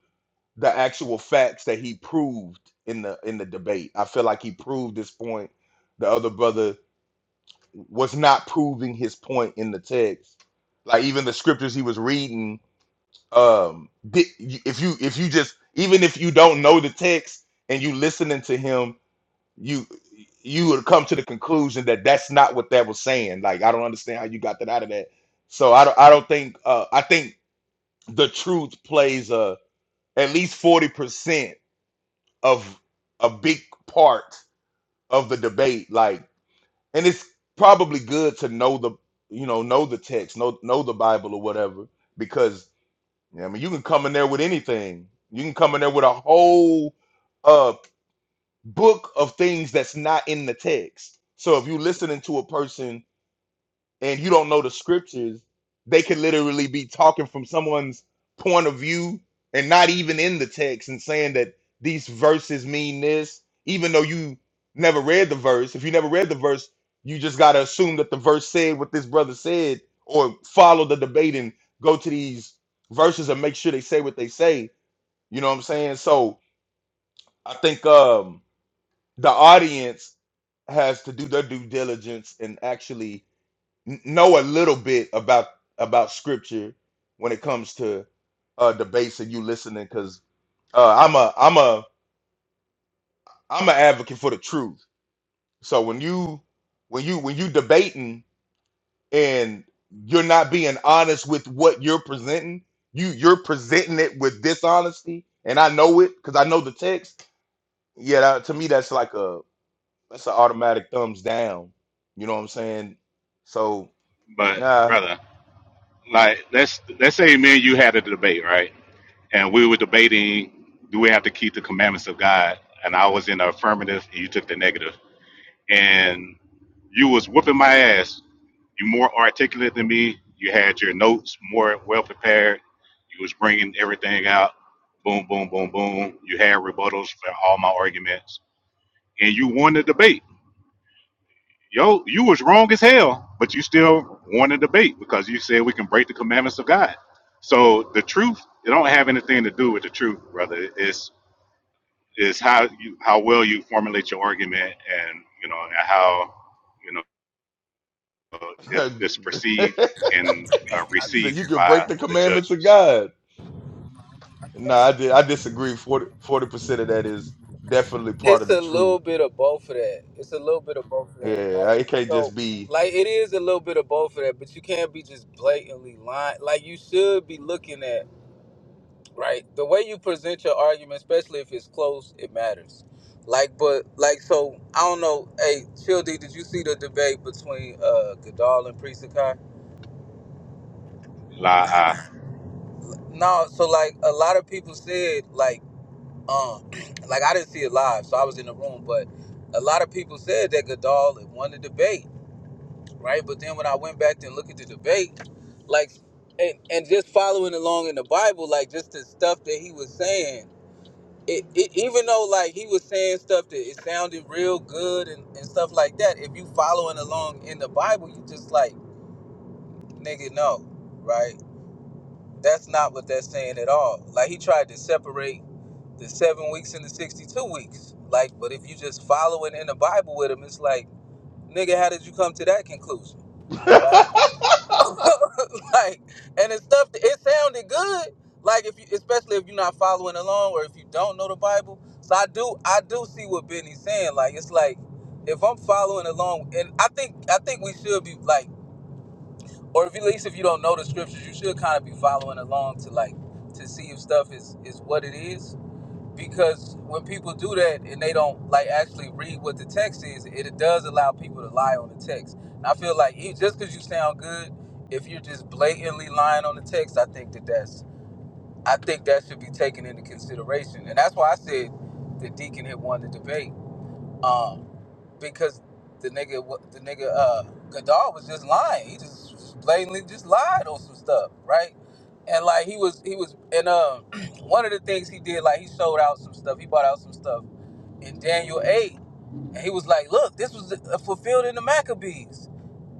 [SPEAKER 9] the actual facts that he proved in the in the debate. I feel like he proved his point. The other brother was not proving his point in the text. Like even the scriptures he was reading um di- if you if you just even if you don't know the text and you listening to him you you would come to the conclusion that that's not what that was saying like i don't understand how you got that out of that so i don't i don't think uh i think the truth plays a at least 40% of a big part of the debate like and it's probably good to know the you know know the text know know the bible or whatever because. Yeah, I mean, you can come in there with anything. You can come in there with a whole uh book of things that's not in the text. So if you're listening to a person and you don't know the scriptures, they could literally be talking from someone's point of view and not even in the text and saying that these verses mean this, even though you never read the verse. If you never read the verse, you just got to assume that the verse said what this brother said or follow the debate and go to these verses and make sure they say what they say. You know what I'm saying? So I think um, the audience has to do their due diligence and actually n- know a little bit about about scripture when it comes to uh debates and you listening because uh i'm a i'm a i'm an advocate for the truth so when you when you when you debating and you're not being honest with what you're presenting you you're presenting it with dishonesty and i know it because i know the text yeah that, to me that's like a that's an automatic thumbs down you know what i'm saying so
[SPEAKER 10] but
[SPEAKER 9] nah
[SPEAKER 10] brother like let's let's say man, you had a debate, right? And we were debating do we have to keep the commandments of God? And I was in the affirmative and you took the negative. And you was whooping my ass. You more articulate than me. You had your notes more well prepared. You was bringing everything out. Boom, boom, boom, boom. You had rebuttals for all my arguments, and you won the debate yo, you was wrong as hell, but you still want to debate because you said we can break the commandments of God. So the truth, it don't have anything to do with the truth, brother. It's is how you how well you formulate your argument and you know and how you know it, it's
[SPEAKER 9] [laughs]
[SPEAKER 10] perceived and uh,
[SPEAKER 9] He said
[SPEAKER 10] received
[SPEAKER 9] you can
[SPEAKER 10] by
[SPEAKER 9] break the
[SPEAKER 10] the
[SPEAKER 9] commandments of
[SPEAKER 10] judges.
[SPEAKER 9] God. No, I did. I disagree. 40 percent of that is definitely part of
[SPEAKER 4] It's
[SPEAKER 9] the
[SPEAKER 4] a
[SPEAKER 9] truth.
[SPEAKER 4] little bit of both of that. It's a little bit of both of that.
[SPEAKER 9] Yeah,
[SPEAKER 4] Like
[SPEAKER 9] it can't
[SPEAKER 4] so,
[SPEAKER 9] just be.
[SPEAKER 4] like it is a little bit of both of that, but you can't be just blatantly lying. Like you should be looking at right the way you present your argument, especially if it's close, it matters. Like, but like so, I don't know. Hey, Chill D, did you see the debate between uh Godal and Priest Akai?
[SPEAKER 10] La, ah.
[SPEAKER 4] No, so like a lot of people said, like. Um, [clears throat] like I didn't see it live, so I was in the room. But a lot of people said that Goodall had won the debate, right? But then when I went back and looked at the debate, like, and and just following along in the Bible, like just the stuff that he was saying, it, it even though like he was saying stuff that it sounded real good and, and stuff like that. If you following along in the Bible, you just like, nigga, no, right? That's not what that's saying at all. Like he tried to separate the seven weeks and the 62 weeks. Like, but if you just following in the Bible with him, it's like, nigga, how did you come to that conclusion?
[SPEAKER 9] [laughs]
[SPEAKER 4] Right. [laughs] like, and it's stuff that it sounded good. Like if you, especially if you're not following along or if you don't know the Bible. So I do, I do see what Benny's saying. Like, it's like, if I'm following along, and I think, I think we should be like or if at least if you don't know the scriptures, you should kind of be following along to like to see if stuff is is what it is. Because when people do that and they don't like actually read what the text is, it does allow people to lie on the text. And I feel like e- just because you sound good, if you're just blatantly lying on the text, I think that that's I think that should be taken into consideration. And that's why I said that Deacon had won the debate um, because the nigga, the nigga, uh, Goddard was just lying. He just blatantly just lied on some stuff, right? And like he was, he was, and um, [clears throat] one of the things he did, like he sold out some stuff. He bought out some stuff in Daniel 8 and he was like, look, this was uh, fulfilled in the Maccabees.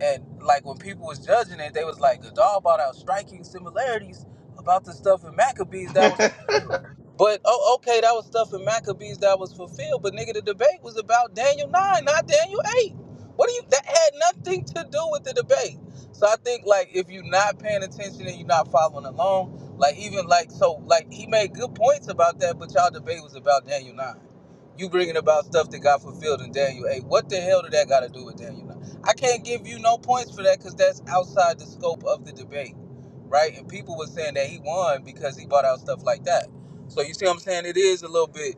[SPEAKER 4] And like when people was judging it, they was like, Gadal brought out striking similarities about the stuff in Maccabees that was
[SPEAKER 9] well,
[SPEAKER 4] fulfilled. But oh, okay, that was stuff in Maccabees that was fulfilled. But nigga, the debate was about Daniel nine, not Daniel eight. What do you? That had nothing to do with the debate. So I think like if you're not paying attention and you're not following along, like even like so like he made good points about that, but y'all debate was about Daniel nine. You bringing about stuff that got fulfilled in Daniel 8. What the hell did that got to do with Daniel 9? I can't give you no points for that because that's outside the scope of the debate, right? And people were saying that he won because he brought out stuff like that. So you see what I'm saying? It is a little bit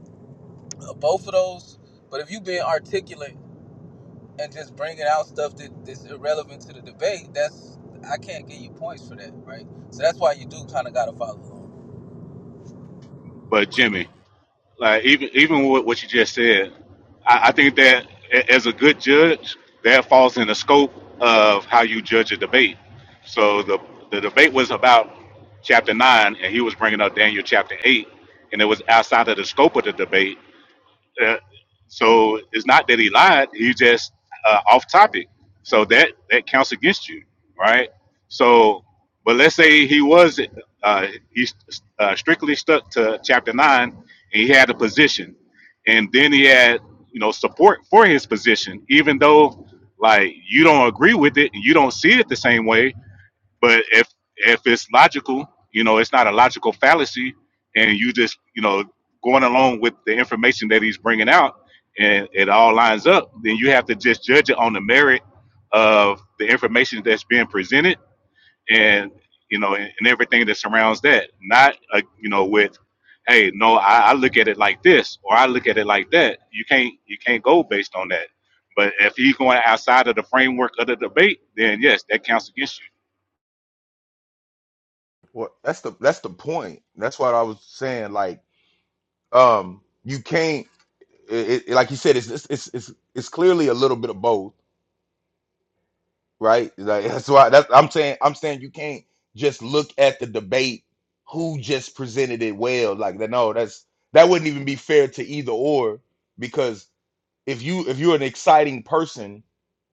[SPEAKER 4] of both of those. But if you being articulate and just bringing out stuff that, that's irrelevant to the debate, that's I can't give you points for that, right? So that's why you do kind of got to follow along.
[SPEAKER 10] but Jimmy, like even even with what you just said, I, I think that a- as a good judge, that falls in the scope of how you judge a debate. So the the debate was about chapter nine, and he was bringing up Daniel chapter eight, and it was outside of the scope of the debate. Uh, so it's not that he lied; he just uh, off topic. So that that counts against you, right? So, but let's say he was uh, he uh, strictly stuck to chapter nine, and he had a position, and then he had you know support for his position, even though like you don't agree with it and you don't see it the same way but if if it's logical, you know, it's not a logical fallacy, and you just you know going along with the information that he's bringing out, and it all lines up, then you have to just judge it on the merit of the information that's being presented, and you know, and, and everything that surrounds that. Not uh, you know with, hey, no, I, I look at it like this, or I look at it like that. You can't you can't go based on that. But if he's going outside of the framework of the debate, then yes, that counts against you.
[SPEAKER 9] that's the that's the point. That's what I was saying. Like, um, you can't. It, it, like you said, it's, it's it's it's it's clearly a little bit of both, right? Like [laughs] that's why that's I'm saying I'm saying you can't just look at the debate who just presented it well. Like, that. no, that's that wouldn't even be fair to either or because. if you if you're an exciting person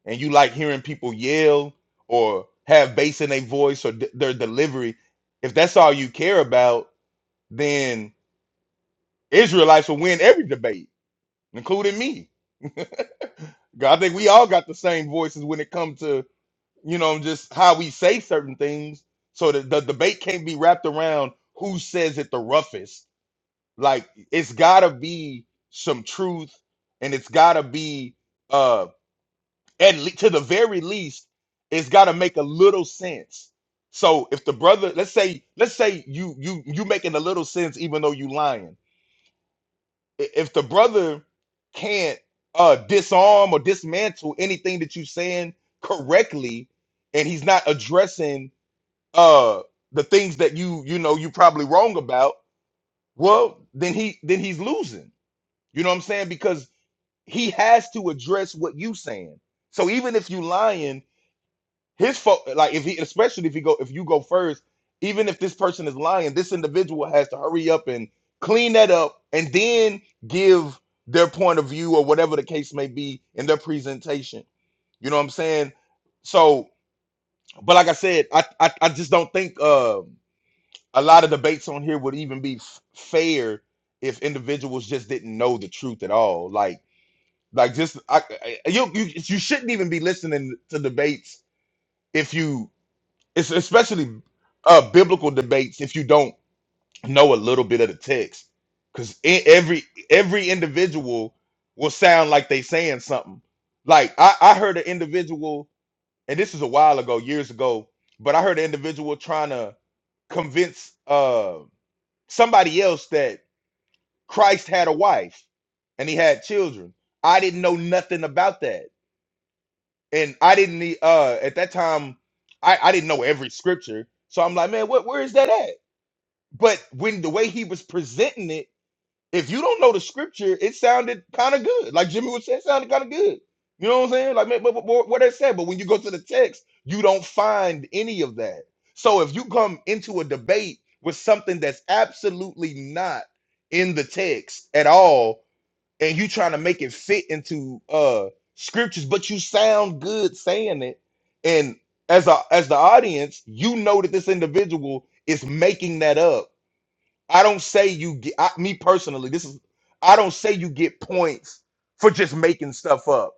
[SPEAKER 9] and you like hearing people yell or have bass in their voice or d- their delivery, if that's all you care about, then Israelites will win every debate, including me. [laughs] I think we all got the same voices when it comes to you know just how we say certain things, so that the debate can't be wrapped around who says it the roughest. Like it's gotta be some truth, and it's gotta be uh at le- to the very least, it's got to make a little sense. So if the brother, let's say, let's say you you you making a little sense, even though you lying. I- If the brother can't uh disarm or dismantle anything that you saying correctly, and he's not addressing uh the things that you you know you probably wrong about, well then he then he's losing. You know what I'm saying? Because he has to address what you saying. So even if you lying his fault like if he especially if he go if you go first even if this person is lying this individual has to hurry up and clean that up and then give their point of view or whatever the case may be in their presentation you know what i'm saying so but like i said i i, I just don't think uh, a lot of debates on here would even be f- fair if individuals just didn't know the truth at all like like just I, I, you you you shouldn't even be listening to debates if you it's especially uh, biblical debates if you don't know a little bit of the text, because every every individual will sound like they saying something. Like I, I heard an individual, and this is a while ago, years ago, but I heard an individual trying to convince uh, somebody else that Christ had a wife and he had children. I didn't know nothing about that and I didn't need uh at that time I I didn't know every scripture, so I'm like, man, what where is that at? But when the way he was presenting it, if you don't know the scripture, it sounded kind of good. Like Jimmy was saying, it sounded kind of good. You know what I'm saying? Like man, but, but, but what I said. But when you go to the text, you don't find any of that. So if you come into a debate with something that's absolutely not in the text at all, and you trying to make it fit into uh scriptures, but you sound good saying it. And as a as the audience, you know that this individual is making that up. I don't say you get I, me personally. This is I don't say you get points for just making stuff up.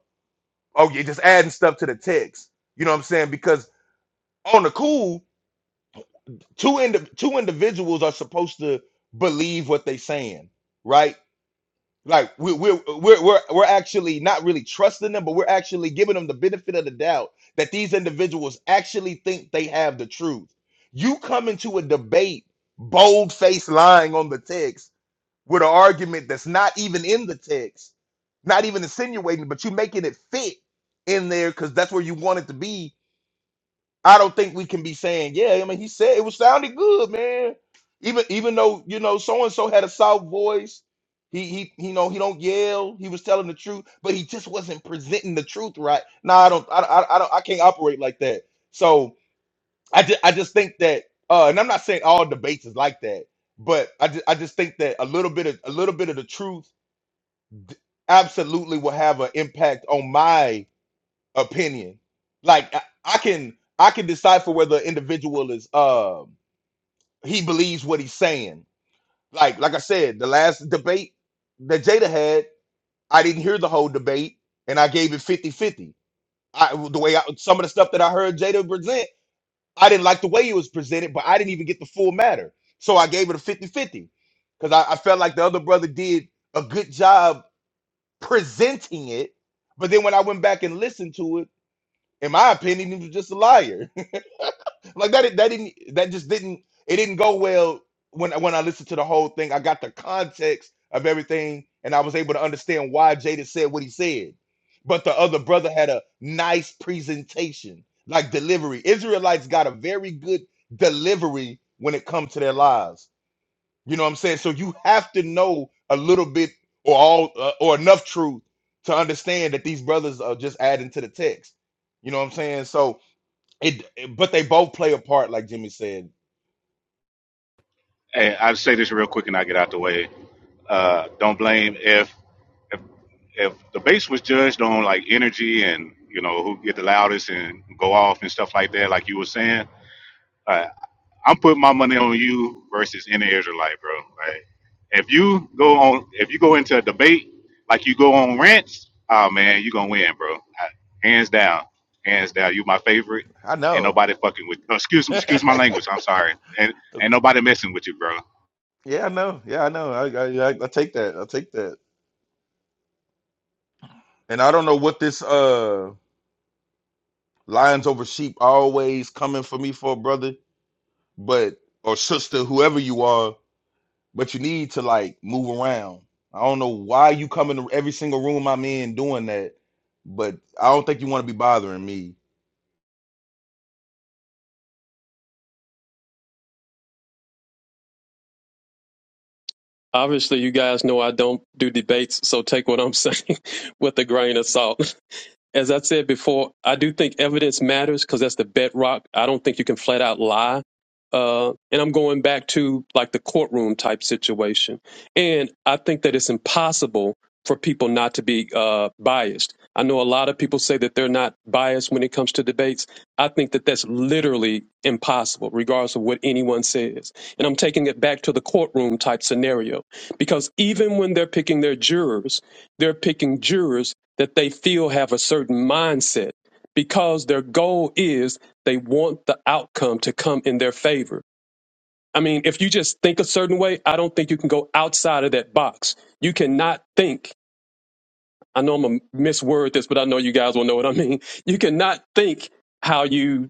[SPEAKER 9] Oh, you're just adding stuff to the text. You know what I'm saying? Because on the cool, two indi- two individuals are supposed to believe what they saying, right? Like we we're we're we're we're actually not really trusting them, but we're actually giving them the benefit of the doubt that these individuals actually think they have the truth. You come into a debate, bold face lying on the text with an argument that's not even in the text, not even insinuating, but you making it fit in there because that's where you want it to be I don't think we can be saying, yeah, I mean, he said it was sounding good, man. Even even though, you know, so and so had a soft voice. He he you know, he don't yell. He was telling the truth, but he just wasn't presenting the truth right. No, I don't I, I I don't I can't operate like that. So, I just I just think that uh and I'm not saying all debates is like that, but I just, I just think that a little bit of a little bit of the truth absolutely will have an impact on my opinion. Like I, I can I can decipher whether an individual is um he believes what he's saying. Like like I said, the last debate that Jada had, I didn't hear the whole debate and I gave it fifty fifty. I the way I, some of the stuff that I heard Jada present, I didn't like the way it was presented, but I didn't even get the full matter. So I gave it a fifty fifty because I, I felt like the other brother did a good job presenting it. But then when I went back and listened to it, in my opinion, he was just a liar. Like that that didn't that just didn't it didn't go well when when I listened to the whole thing. I got the context of everything and I was able to understand why Jada said what he said. But the other brother had a nice presentation, like delivery. Israelites got a very good delivery when it comes to their lives. You know what I'm saying? So you have to know a little bit or all uh, or enough truth to understand that these brothers are just adding to the text. You know what I'm saying? So it, it- but they both play a part, like Jimmy said.
[SPEAKER 10] Hey, I'll say this real quick and I get out the way. Uh, don't blame if if if the base was judged on like energy and you know who get the loudest and go off and stuff like that, like you were saying. Uh, I'm putting my money on you versus any Israelite, bro. Like if you go on, if you go into a debate like you go on rants, oh man, you gonna win, bro. I- hands down, hands down. You my favorite.
[SPEAKER 9] I
[SPEAKER 10] Ain't
[SPEAKER 9] know.
[SPEAKER 10] nobody fucking with. oh, excuse
[SPEAKER 9] [laughs] yeah,
[SPEAKER 10] excuse my language. I'm sorry. Ain't, ain't nobody messing with you, bro.
[SPEAKER 9] I know. Yeah, I know. I, I, I, I take that. I take that. And I don't know what this uh lions over sheep always coming for me for, brother, but or sister, whoever you are. But you need to like move around. I don't know why you come into every single room I'm in doing that, but I don't think you want to be bothering me.
[SPEAKER 8] Obviously, you guys know I don't do debates, so take what I'm saying [laughs] with a grain of salt. As I said before, I do think evidence matters because that's the bedrock. I don't think you can flat out lie. Uh, and I'm going back to like the courtroom type situation. And I think that it's impossible for people not to be uh, biased. I know a lot of people say that they're not biased when it comes to debates. I think that that's literally impossible, regardless of what anyone says. And I'm taking it back to the courtroom type scenario because even when they're picking their jurors, they're picking jurors that they feel have a certain mindset because their goal is they want the outcome to come in their favor. I mean, if you just think a certain way, I don't think you can go outside of that box. You cannot think. I know I'm going to misword this, but I know you guys will know what I mean. You cannot think how you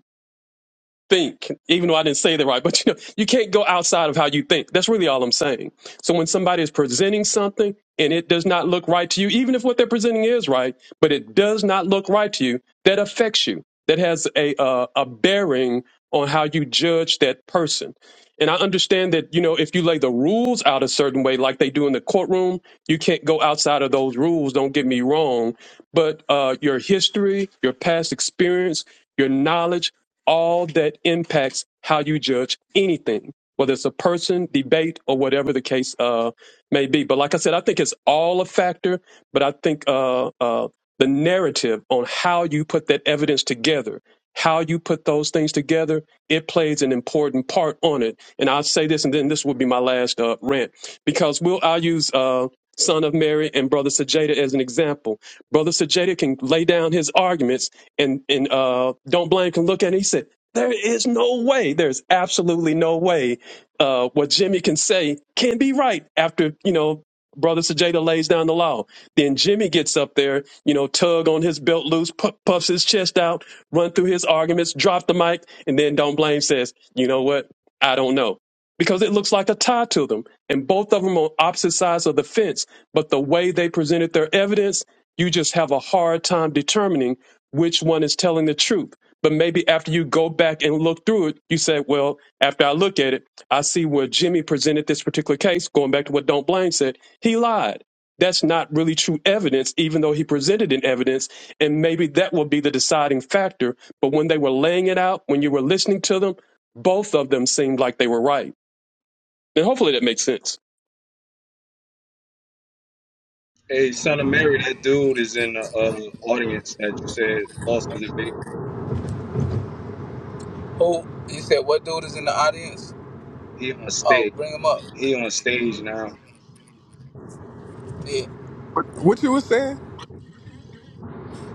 [SPEAKER 8] think, even though I didn't say that right, [laughs] but you know, you can't go outside of how you think. That's really all I'm saying. So when somebody is presenting something and it does not look right to you, even if what they're presenting is right, but it does not look right to you, that affects you. That has a uh, a bearing on how you judge that person. And I understand that, you know, if you lay the rules out a certain way, like they do in the courtroom, you can't go outside of those rules. Don't get me wrong. But uh, your history, your past experience, your knowledge, all that impacts how you judge anything, whether it's a person, debate, or whatever the case uh, may be. But like I said, I think it's all a factor, but I think uh, uh, the narrative on how you put that evidence together, how you put those things together, it plays an important part on it. And I'll say this, and then this will be my last uh, rant, because we'll I'll use. Uh, Son of Mary and Brother Sajeda as an example. Brother Sajeda can lay down his arguments, and and uh don't blame can look at it he said there is no way there's absolutely no way uh what jimmy can say can be right after you know brother sajada lays down the law then jimmy gets up there you know tug on his belt loose pu- puffs his chest out run through his arguments drop the mic and then don't blame says you know what i don't know because it looks like a tie to them and both of them on opposite sides of the fence but the way they presented their evidence you just have a hard time determining which one is telling the truth. But maybe after you go back and look through it, you say, well, after I look at it, I see where Jimmy presented this particular case, going back to what Don't Blame said, he lied. That's not really true evidence, even though he presented an evidence. And maybe that will be the deciding factor. But when they were laying it out, when you were listening to them, both of them seemed like they were right. And hopefully that makes sense.
[SPEAKER 1] Hey, son of Mary, that dude is in the uh, audience that you said lost the debate.
[SPEAKER 4] Who? He said, what dude is in the audience?
[SPEAKER 1] He on
[SPEAKER 4] Oh,
[SPEAKER 1] stage.
[SPEAKER 4] bring him up.
[SPEAKER 1] He on stage
[SPEAKER 4] Mhm.
[SPEAKER 1] now.
[SPEAKER 4] Yeah.
[SPEAKER 11] What you was saying?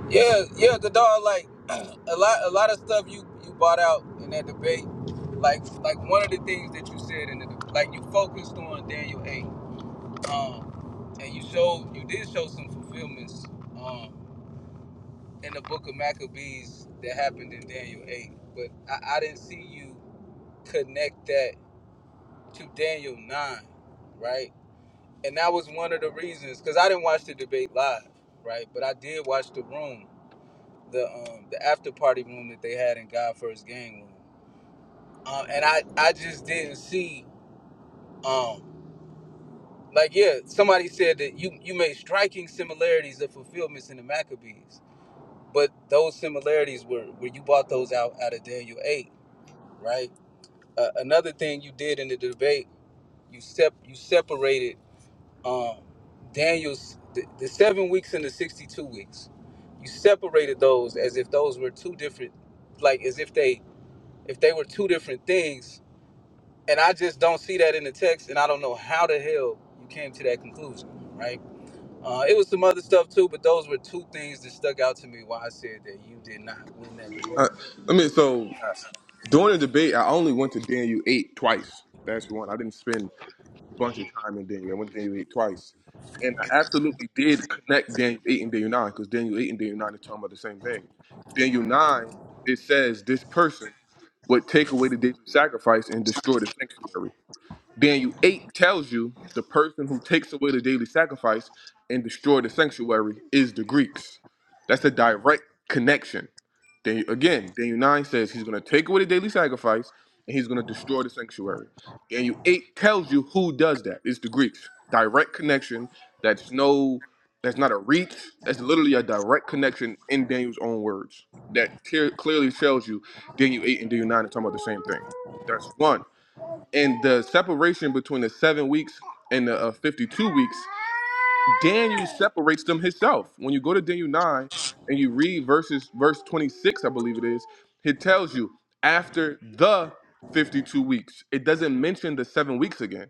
[SPEAKER 4] Yeah, yeah, the dog. Like [clears throat] a lot, a lot of stuff you you brought out in that debate. Like, like one of the things that you said in the de- like you focused on Daniel eight, um, and you showed you did show some fulfillments um in the book of Maccabees that happened in Daniel eight, but I, I didn't see you connect that to Daniel nine, right? And that was one of the reasons because I didn't watch the debate live, right? But I did watch the room the um the after party room that they had in God First Gang room. Um, and I I just didn't see um like yeah somebody said that you you made striking similarities of fulfillments in the Maccabees, but those similarities were where you bought those out out of Daniel eight, right? Uh, another thing you did in the debate you sep you separated um Daniel's the, the seven weeks and the sixty two weeks. You separated those as if those were two different, like as if they if they were two different things and i just don't see that in the text and i don't know how the hell you came to that conclusion right uh, it was some other stuff too but those were two things that stuck out to me why i said that you did not win that debate
[SPEAKER 11] Uh, I mean, so
[SPEAKER 4] Uh,
[SPEAKER 11] during the debate, I only went to Daniel eight twice. That's one. I didn't spend a bunch of time in Daniel. I went to Daniel eight twice, and I absolutely did connect Daniel eight and Daniel nine because Daniel eight and Daniel nine are talking about the same thing. Daniel nine it says this person would take away the daily sacrifice and destroy the sanctuary. Daniel eight tells you the person who takes away the daily sacrifice and destroy the sanctuary is the Greeks. That's a direct connection. Then again, Daniel 9 says he's going to take away the daily sacrifice and he's going to destroy the sanctuary. Daniel 8 tells you who does that. It's the Greeks. Direct connection. That's no, that's not a reach. That's literally a direct connection in Daniel's own words. That te- clearly tells you Daniel 8 and Daniel 9 are talking about the same thing. That's one. And the separation between the seven weeks and the uh, 52 weeks Daniel separates them himself. When you go to Daniel 9 and you read verses verse 26, I believe it is, it tells you after the 52 weeks. It doesn't mention the 7 weeks again.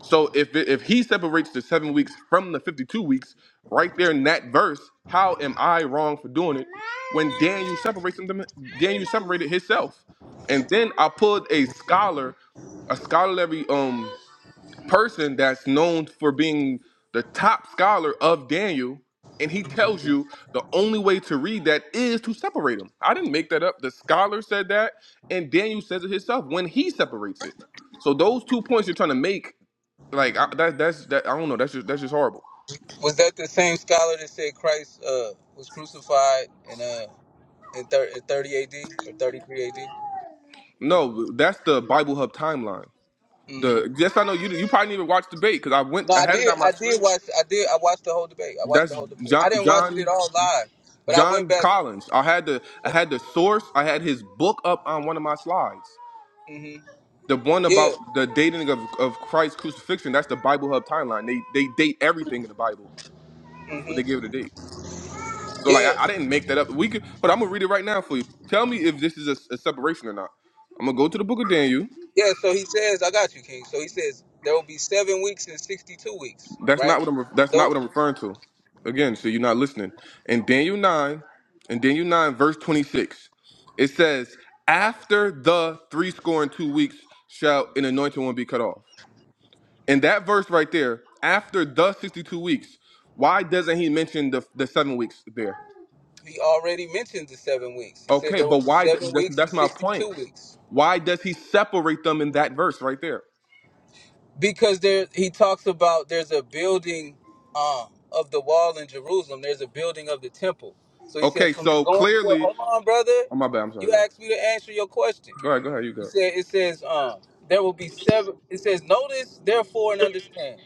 [SPEAKER 11] So if it, if he separates the 7 weeks from the 52 weeks right there in that verse, how am I wrong for doing it when Daniel separates them Daniel separated himself. And then I pulled a scholar, a scholarly um person that's known for being the top scholar of Daniel, and he tells you the only way to read that is to separate them. I didn't make that up. The scholar said that, and Daniel says it himself when he separates it. So those two points you're trying to make, like I, that, that's that I don't know. That's just that's just horrible.
[SPEAKER 4] was that the same scholar that said christ uh, was crucified in uh in, thir- in 30 ad or 33 ad
[SPEAKER 11] No, that's the Bible Hub timeline.
[SPEAKER 4] hmm
[SPEAKER 11] The yes, I know you. You probably didn't even watch the debate because I went.
[SPEAKER 4] no
[SPEAKER 11] I
[SPEAKER 4] i
[SPEAKER 11] had it
[SPEAKER 4] did
[SPEAKER 11] on my
[SPEAKER 4] i did
[SPEAKER 11] screen.
[SPEAKER 4] watch i did i watched the whole debate i watched the
[SPEAKER 11] That's
[SPEAKER 4] whole debate
[SPEAKER 11] John.
[SPEAKER 4] i didn't watch it
[SPEAKER 11] John.
[SPEAKER 4] at all live but i went
[SPEAKER 11] John
[SPEAKER 4] back
[SPEAKER 11] Collins. I had the I had the source. I had his book up on one of my slides.
[SPEAKER 4] hmm
[SPEAKER 11] The one
[SPEAKER 4] yeah
[SPEAKER 11] about the dating of, of Christ's crucifixion. That's the Bible Hub timeline. They they date everything in the Bible. They
[SPEAKER 4] hmm
[SPEAKER 11] give it a date. So like
[SPEAKER 4] yeah
[SPEAKER 11] I, I didn't make that up. We could, but I'm gonna read it right now for you. Tell me if this is a, a separation or not. I'm gonna go to the Book of Daniel.
[SPEAKER 4] Yeah, so he says, I got you, King. So he says, there will be seven weeks and 62 weeks,
[SPEAKER 11] That's not
[SPEAKER 4] right?
[SPEAKER 11] what I'm. That's not
[SPEAKER 4] Though
[SPEAKER 11] what I'm referring to. Again, so you're not listening. In Daniel nine, in Daniel nine, verse twenty six, it says, "After the three score and two weeks shall an anointed one be cut off." In that verse right there, after the sixty two weeks, why doesn't he mention the the seven weeks there?
[SPEAKER 4] he already mentioned the seven weeks. He said
[SPEAKER 11] Okay,
[SPEAKER 4] there will
[SPEAKER 11] but
[SPEAKER 4] be
[SPEAKER 11] why? d-
[SPEAKER 4] seven
[SPEAKER 11] That's,
[SPEAKER 4] weeks
[SPEAKER 11] that's
[SPEAKER 4] and
[SPEAKER 11] my point.
[SPEAKER 4] 62 weeks.
[SPEAKER 11] Why does he separate them in that verse right there?
[SPEAKER 4] Because there, he talks about there's a building um, of the wall in Jerusalem, there's a building of the temple. So he says,
[SPEAKER 11] Okay,
[SPEAKER 4] from the
[SPEAKER 11] so
[SPEAKER 4] going forth,
[SPEAKER 11] clearly,
[SPEAKER 4] hold on, brother.
[SPEAKER 11] oh my bad. I'm sorry.
[SPEAKER 4] You
[SPEAKER 11] Go ahead.
[SPEAKER 4] asked me to answer your question.
[SPEAKER 11] Go ahead. Go ahead. You
[SPEAKER 4] It
[SPEAKER 11] go.
[SPEAKER 4] says, it says, um, there will be seven. It says, notice, therefore, and understand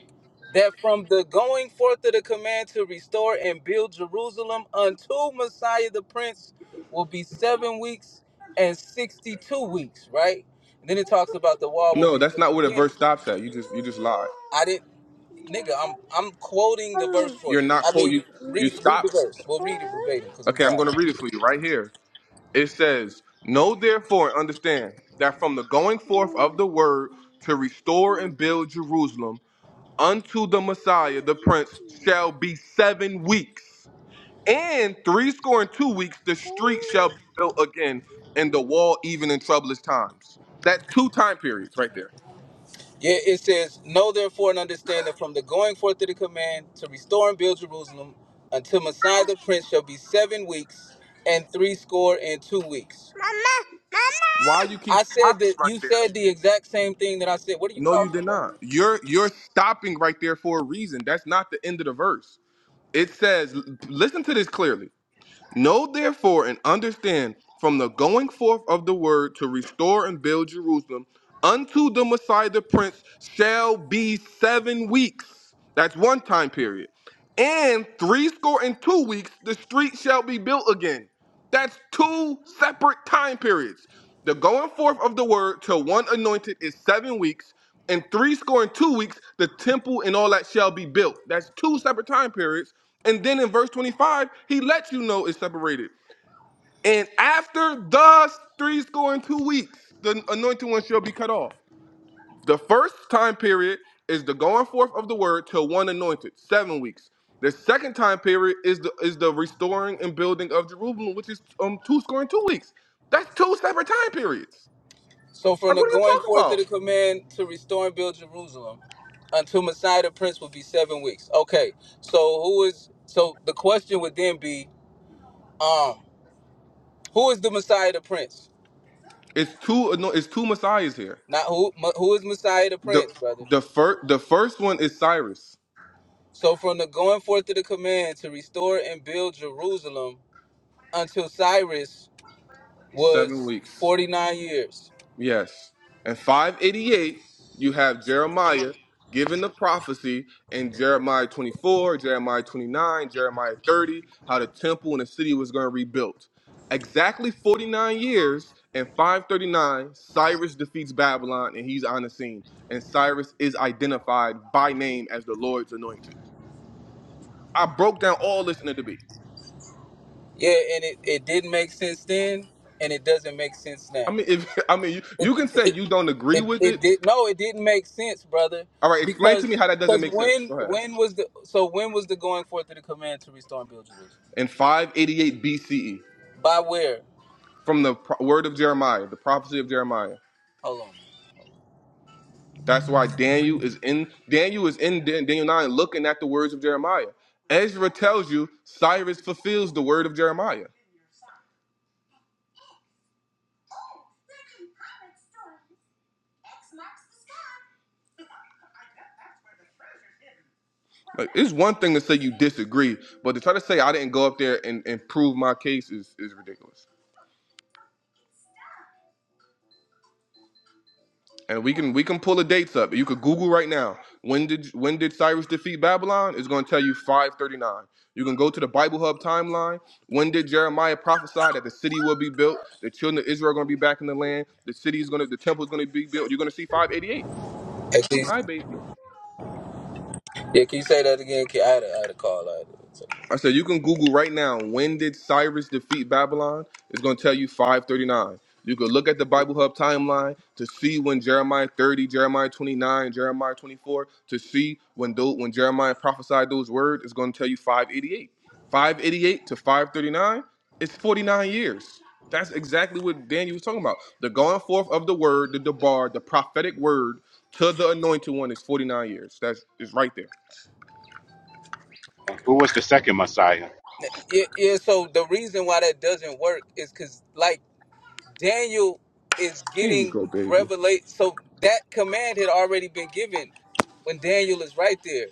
[SPEAKER 4] that from the going forth of the command to restore and build Jerusalem unto Messiah the Prince will be seven weeks and 62 weeks, right? And then it talks about the wall will
[SPEAKER 11] No,
[SPEAKER 4] be
[SPEAKER 11] that's
[SPEAKER 4] built
[SPEAKER 11] not where the
[SPEAKER 4] again.
[SPEAKER 11] verse stops at. You just you just lied.
[SPEAKER 4] I didn't, nigga, I'm I'm quoting the verse for
[SPEAKER 11] You're
[SPEAKER 4] you.
[SPEAKER 11] not
[SPEAKER 4] I
[SPEAKER 11] quote
[SPEAKER 4] mean, you
[SPEAKER 11] you you
[SPEAKER 4] read read the
[SPEAKER 11] stopped.
[SPEAKER 4] verse. We'll read it verbatim because I'm
[SPEAKER 11] Okay, I'm
[SPEAKER 4] driving.
[SPEAKER 11] gonna read it for you right here. It says, Know therefore and understand that from the going forth of the word to restore and build Jerusalem unto the Messiah the Prince shall be seven weeks. And three score and two weeks the street shall be built again and the wall even in troublous times. That's two time periods right there.
[SPEAKER 4] Yeah, it says, Know therefore and understand that from the going forth of the command to restore and build Jerusalem until Messiah the Prince shall be seven weeks and three score and two weeks.
[SPEAKER 11] Why you keep
[SPEAKER 4] I said
[SPEAKER 11] stopping
[SPEAKER 4] that
[SPEAKER 11] right
[SPEAKER 4] you
[SPEAKER 11] there
[SPEAKER 4] said the exact same thing that I said. What are you
[SPEAKER 11] No, you
[SPEAKER 4] talking
[SPEAKER 11] did
[SPEAKER 4] about?
[SPEAKER 11] not. You're you're stopping right there for a reason. That's not the end of the verse. It says, listen to this clearly. Know therefore and understand from the going forth of the word to restore and build Jerusalem unto the Messiah the Prince shall be seven weeks. That's one time period. And three score and two weeks the street shall be built again. That's two separate time periods. The going forth of the word till one anointed is seven weeks, and three score and two weeks, the temple and all that shall be built. That's two separate time periods. And then in verse 25, he lets you know it's separated. And after thus three score and two weeks, the anointed one shall be cut off. The first time period is the going forth of the word till one anointed, seven weeks. The second time period is the is the restoring and building of Jerusalem, which is um two score and two weeks. That's two separate time periods.
[SPEAKER 4] So, from
[SPEAKER 11] Like
[SPEAKER 4] the
[SPEAKER 11] what are you
[SPEAKER 4] going
[SPEAKER 11] talking
[SPEAKER 4] forth of
[SPEAKER 11] about?
[SPEAKER 4] the command to restore and build Jerusalem until Messiah the Prince will be seven weeks. Okay, so who is, so the question would then be, um, who is the Messiah the Prince?
[SPEAKER 11] It's two ano- it's two messiahs here.
[SPEAKER 4] Not who, who is Messiah the
[SPEAKER 11] The
[SPEAKER 4] Prince, brother?
[SPEAKER 11] the first the first one is Cyrus,
[SPEAKER 4] So from the going forth of the command to restore and build Jerusalem until Cyrus
[SPEAKER 11] seven
[SPEAKER 4] was
[SPEAKER 11] weeks.
[SPEAKER 4] 49 years.
[SPEAKER 11] Yes. And 588, you have Jeremiah giving the prophecy in Jeremiah 24, Jeremiah 29, Jeremiah 30, how the temple and the city was going to be rebuilt. Exactly 49 years And 539, Cyrus defeats Babylon and he's on the scene. And Cyrus is identified by name as the Lord's anointed. I broke down all this in the debate.
[SPEAKER 4] Yeah, and it, it didn't make sense then, and it doesn't make sense
[SPEAKER 11] I
[SPEAKER 4] now.
[SPEAKER 11] mean, if [laughs] I mean, you,
[SPEAKER 4] It,
[SPEAKER 11] you can say
[SPEAKER 4] it,
[SPEAKER 11] you don't agree
[SPEAKER 4] it,
[SPEAKER 11] with it.
[SPEAKER 4] it did no, it didn't make sense, brother,
[SPEAKER 11] All right, explain to me
[SPEAKER 4] because
[SPEAKER 11] how that doesn't
[SPEAKER 4] because
[SPEAKER 11] make sense.
[SPEAKER 4] when
[SPEAKER 11] Go ahead.
[SPEAKER 4] when was the so when was the going forth of the command to restore and build Jerusalem?
[SPEAKER 11] in 588 BCE
[SPEAKER 4] By where?
[SPEAKER 11] from the pro- word of Jeremiah, the prophecy of Jeremiah.
[SPEAKER 4] Hold on.
[SPEAKER 11] That's why Daniel is in Daniel is in Dan- Daniel 9 looking at the words of Jeremiah. Ezra tells you Cyrus fulfills the word of Jeremiah. Like it's one thing to say you disagree, but to try to say I didn't go up there and, and prove my case is, is ridiculous. and we can we can pull the dates up. You could Google right now. When did when did Cyrus defeat Babylon? It's going to tell you 539. You can go to the Bible Hub timeline. When did Jeremiah prophesy that the city will be built? The children of Israel are going to be back in the land. The city is going to the temple is going to be built. You're going to see 588.
[SPEAKER 4] Hey, can you,
[SPEAKER 11] All right, baby.
[SPEAKER 4] yeah, can you say that again? Can- I had a, I had a call.
[SPEAKER 11] I said you can Google right now. When did Cyrus defeat Babylon? It's gonna tell you 539. You could look at the Bible Hub timeline to see when Jeremiah 30, Jeremiah 29, Jeremiah 24 to see when those, when Jeremiah prophesied those words. It's gonna tell you 588. 588 to 539. It's 49 years. That's exactly what Daniel was talking about. The going forth of the word, the debar, the prophetic word to the anointed one is 49 years. That's it's right there.
[SPEAKER 10] Uh, Who was the second Messiah?
[SPEAKER 4] Yeah, yeah. So the reason why that doesn't work is because, like, Daniel is
[SPEAKER 11] Here you
[SPEAKER 4] getting
[SPEAKER 11] go, baby.
[SPEAKER 4] revelate. So that command had already been given when Daniel is right there.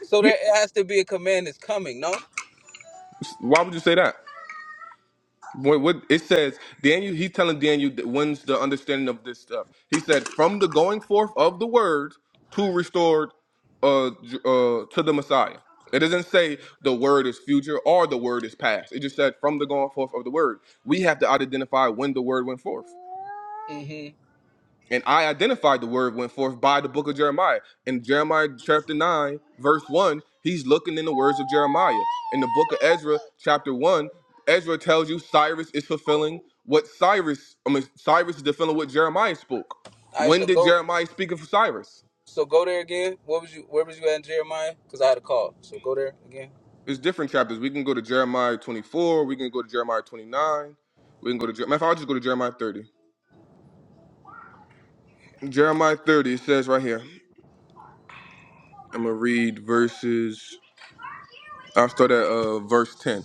[SPEAKER 4] So there has to be a command that's coming. No.
[SPEAKER 11] Why would you say that? What, what it says, Daniel, he's telling Daniel that when's the understanding of this stuff. He said, from the going forth of the word to restored uh, J- uh, to the Messiah. It doesn't say the word is future or the word is past. It just said from the going forth of the word. We have to identify when the word went forth.
[SPEAKER 4] Mm-hmm.
[SPEAKER 11] And I identified the word went forth by the book of Jeremiah. In Jeremiah chapter 9, verse 1, he's looking in the words of Jeremiah. In the book of Ezra, chapter 1, Ezra tells you Cyrus is fulfilling what Cyrus, I mean, Cyrus is fulfilling what Jeremiah spoke.
[SPEAKER 4] All right.
[SPEAKER 11] When
[SPEAKER 4] So
[SPEAKER 11] did
[SPEAKER 4] go.
[SPEAKER 11] Jeremiah speak of Cyrus?
[SPEAKER 4] So go there again. What was you? Where was you at, in Jeremiah? Because I had a call. So go there again.
[SPEAKER 11] It's different chapters. We can go to Jeremiah 24, we can go to Jeremiah 29, we can go to, Jer- matter of fact, I'll just go to Jeremiah 30. Jeremiah 30, it says right here, I'm going to read verses, I'll start at uh, verse 10.